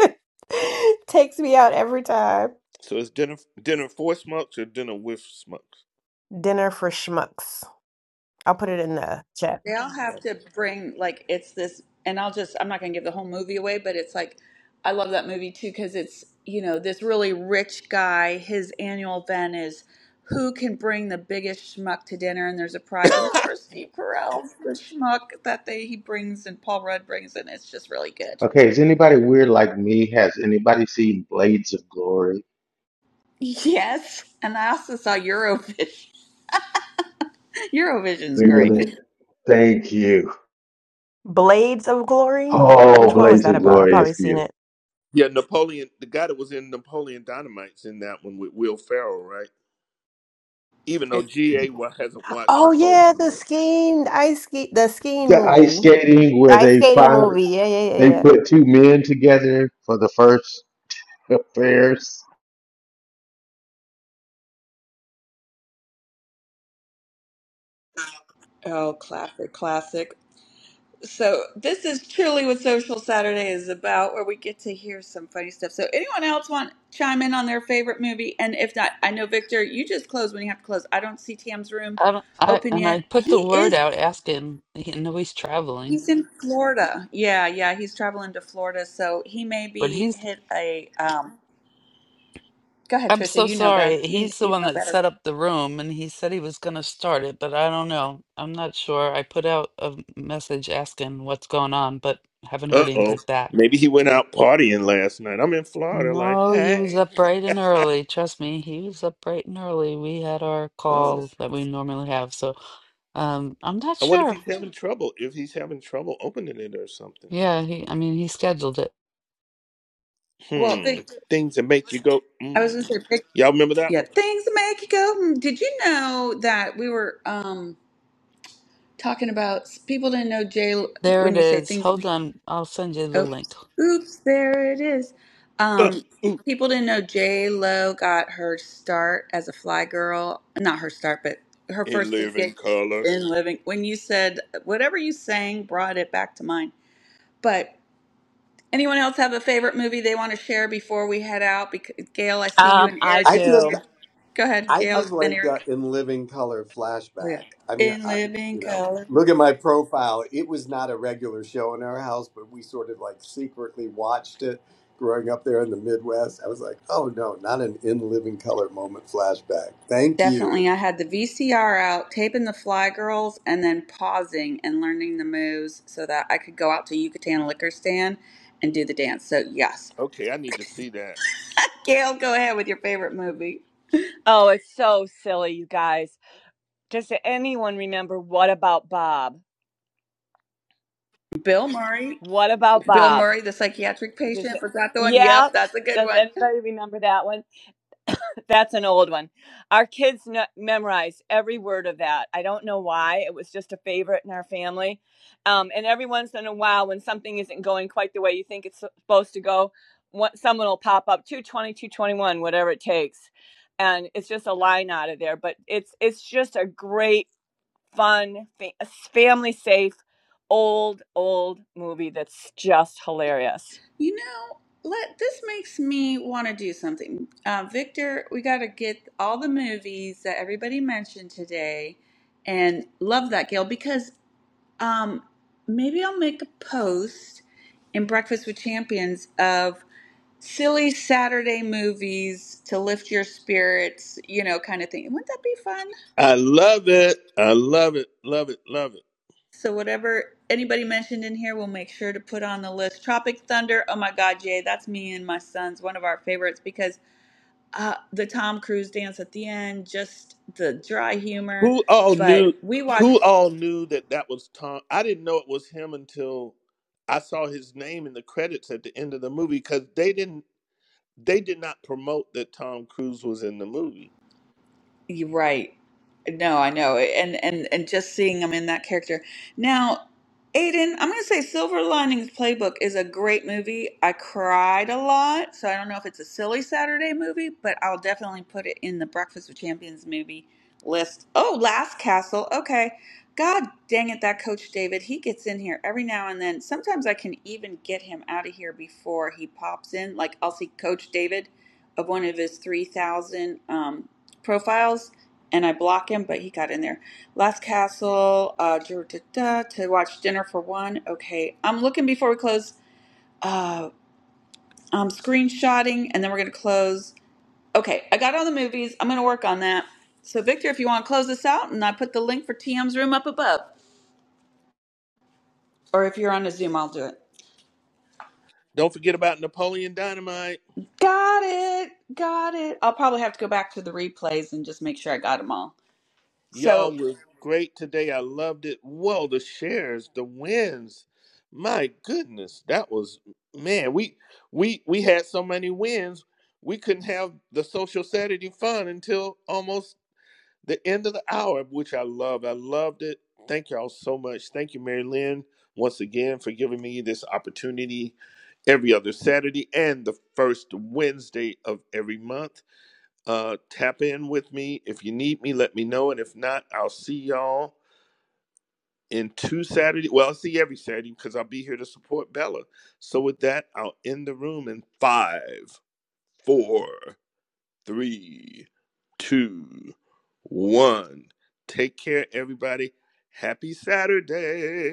Speaker 5: [laughs] Takes me out every time.
Speaker 1: So it's dinner, dinner for smokes or dinner with smokes.
Speaker 5: Dinner for Schmucks. I'll put it in the chat.
Speaker 3: They all have to bring like it's this, and I'll just I'm not gonna give the whole movie away, but it's like I love that movie too because it's you know this really rich guy. His annual event is who can bring the biggest schmuck to dinner, and there's a prize. And poor Steve Carell's the schmuck that they he brings and Paul Rudd brings, and it's just really good.
Speaker 6: Okay, is anybody weird like me? Has anybody seen Blades of Glory?
Speaker 3: Yes, and I also saw Eurovision. [laughs] Eurovision's great.
Speaker 6: Marilyn, thank you.
Speaker 5: Blades of Glory.
Speaker 6: Oh,
Speaker 5: Which one was
Speaker 6: Blades
Speaker 5: that
Speaker 6: of
Speaker 5: about? I've
Speaker 6: Glory
Speaker 5: probably
Speaker 6: is
Speaker 5: seen
Speaker 6: beautiful.
Speaker 5: it.
Speaker 1: [laughs] yeah, Napoleon. The guy that was in Napoleon Dynamite's in that one with Will Ferrell, right? Even though
Speaker 3: It's,
Speaker 1: GA hasn't watched
Speaker 5: Oh
Speaker 1: Napoleon
Speaker 5: yeah, the
Speaker 1: yet.
Speaker 5: skiing, the ice ski, the skiing
Speaker 6: The ice
Speaker 5: movie,
Speaker 6: skating
Speaker 5: the
Speaker 6: where
Speaker 5: ice
Speaker 6: they
Speaker 5: skating
Speaker 6: find
Speaker 5: movie. Yeah, yeah, yeah,
Speaker 6: they
Speaker 5: yeah.
Speaker 6: put two men together for the first affairs.
Speaker 3: oh, classic, classic. So this is truly what Social Saturday is about, where we get to hear some funny stuff. So anyone else want to chime in on their favorite movie? And if not, I know Victor, you just close when you have to close. I don't see Tam's room
Speaker 20: I don't, I
Speaker 3: open
Speaker 20: and
Speaker 3: yet.
Speaker 20: I put the
Speaker 3: He
Speaker 20: word
Speaker 3: is
Speaker 20: out asking he, I know he's traveling,
Speaker 3: he's in Florida. Yeah, yeah, he's traveling to Florida, so he may
Speaker 20: but
Speaker 3: be
Speaker 20: he's
Speaker 3: hit a. Um, go ahead,
Speaker 20: I'm
Speaker 3: Trisha.
Speaker 20: so
Speaker 3: You know better.
Speaker 20: sorry.
Speaker 3: You
Speaker 20: He's the
Speaker 3: you
Speaker 20: one
Speaker 3: know
Speaker 20: that
Speaker 3: better.
Speaker 20: set up the room and he said he was going to start it, but I don't know. I'm not sure. I put out a message asking what's going on, but haven't
Speaker 1: Uh
Speaker 20: heard
Speaker 1: oh.
Speaker 20: anything back.
Speaker 1: Maybe he went out partying last night. I'm in Florida, like,
Speaker 20: No, he was
Speaker 1: hey.
Speaker 20: up bright and early. Trust me, he was up bright and early. We had our
Speaker 1: [laughs] oh.
Speaker 20: call that we normally have, so um, I'm not
Speaker 1: I wonder if
Speaker 20: sure.
Speaker 1: he's having trouble? If he's having trouble opening it or something?
Speaker 20: Yeah, he, I mean, he scheduled it.
Speaker 3: Well,
Speaker 1: Hmm.
Speaker 3: Victor,
Speaker 1: Things that make you go,
Speaker 3: I was
Speaker 1: hmm.
Speaker 3: going to say, Vic,
Speaker 1: Y'all remember that
Speaker 3: yeah,
Speaker 1: one?
Speaker 3: things make you go. hmm. Did you know that we were? um talking about people didn't know J
Speaker 20: There
Speaker 3: when
Speaker 20: it
Speaker 3: you say
Speaker 20: is.
Speaker 3: things.
Speaker 20: Hold on, I'll send you the
Speaker 3: Oh,
Speaker 20: link.
Speaker 3: oops, there it is.
Speaker 1: Uh,
Speaker 3: Um,
Speaker 1: ooh,
Speaker 3: people didn't know J Lo got her start as a fly girl. Not her start, but her
Speaker 1: in
Speaker 3: first big
Speaker 1: living
Speaker 3: gig
Speaker 1: color.
Speaker 3: in living. When you said whatever you sang brought it back to mind. But anyone else have a favorite movie they want to share before we head out? Because Gail, I see you
Speaker 22: Um,
Speaker 3: and
Speaker 22: I
Speaker 3: Eric.
Speaker 9: i
Speaker 3: I see
Speaker 9: just
Speaker 22: do.
Speaker 3: you. Go ahead,
Speaker 9: I
Speaker 3: Gail.
Speaker 22: Oh,
Speaker 9: just
Speaker 3: Then
Speaker 9: like the
Speaker 3: Eric.
Speaker 9: in living color
Speaker 3: Oh yeah.
Speaker 9: flashback. I mean,
Speaker 3: In
Speaker 9: I
Speaker 3: living
Speaker 9: you know,
Speaker 3: color.
Speaker 9: look at my profile. It was not a regular show in our house, but we sort of like secretly watched it growing up there in the Midwest. I was like, oh no, not an in living color moment flashback. Thank you.
Speaker 3: Definitely. I had the VCR out, taping the Fly Girls, and then pausing and learning the moves so that I could go out to Yucatan Liquor Stand and do the dance. So, yes.
Speaker 1: Okay, I need to see that.
Speaker 3: Gail, go ahead with your favorite movie.
Speaker 22: oh, it's so silly, you guys. Does anyone remember what about Bob?
Speaker 3: Bill Murray.
Speaker 22: What about
Speaker 3: Bill
Speaker 22: Bob?
Speaker 3: Murray, the psychiatric
Speaker 22: Does
Speaker 3: patient.
Speaker 22: it,
Speaker 3: Was that the one? Yep,
Speaker 22: yeah?
Speaker 3: that's a good
Speaker 22: Does
Speaker 3: one.
Speaker 22: anybody remember that one? That's an old one. Our kids kn- memorized every word of that. I don't know why. It was just a favorite in our family. Um, and every once in a while, when something isn't going quite the way you think it's supposed to go, what, someone will pop up two twenty, two twenty one, whatever it takes. And it's just a line out of there. But it's it's just a great, fun, fa- family safe, old, old movie that's just hilarious.
Speaker 3: You know, let this makes me want to do something. Uh, Victor, we got to get all the movies that everybody mentioned today and love that, Gail, because Um, maybe I'll make a post in Breakfast with Champions of silly Saturday movies to lift your spirits, you know, kind of thing. Wouldn't that be fun?
Speaker 1: I love it. I love it. Love it. Love it.
Speaker 3: So whatever anybody mentioned in here, we'll make sure to put on the list. Tropic Thunder. Oh my God, Jay, that's me and my sons. One of our favorites because uh, the Tom Cruise dance at the end, just the dry humor.
Speaker 1: Who all knew?
Speaker 3: But we
Speaker 1: Who
Speaker 3: watched.
Speaker 1: all knew that that was Tom? I didn't know it was him until I saw his name in the credits at the end of the movie because they didn't. They did not promote that Tom Cruise was in the movie.
Speaker 3: You're right. No, I know. And and and just seeing him in that character. Now, Aiden, I'm going to say Silver Linings Playbook is a great movie. I cried a lot, so I don't know if it's a silly Saturday movie, but I'll definitely put it in the Breakfast with Champions movie list. Oh, Last Castle. Okay. God dang it, that coach David, he gets in here every now and then. Sometimes I can even get him out of here before he pops in. Like I'll see coach David of one of his 3000 um profiles and I block him, but he got in there. Last Castle, uh, to watch Dinner for One. Okay, I'm looking before we close. Uh, I'm screenshotting and then we're going to close. Okay, I got all the movies. I'm going to work on that. So, Victor, if you want to close this out, and I put the link for TM's room up above, or if you're on a Zoom, I'll do it.
Speaker 1: Don't forget about Napoleon Dynamite.
Speaker 3: Got it. Got it. I'll probably have to go back to the replays and just make sure I got them all. So,
Speaker 1: Y'all were great today. I loved it. Whoa, the shares, the wins. My goodness, that was man. We we we had so many wins. We couldn't have the social Saturday fun until almost the end of the hour, which I love. I loved it. Thank y'all so much. Thank you, Mary Lynn, once again for giving me this opportunity every other Saturday and the first Wednesday of every month. Uh, tap in with me if you need me. Let me know, and if not, I'll see y'all in two Saturday. Well, I'll see you every Saturday because I'll be here to support Bella. So with that, I'll end the room in five, four, three, two, one. Take care, everybody. Happy Saturday.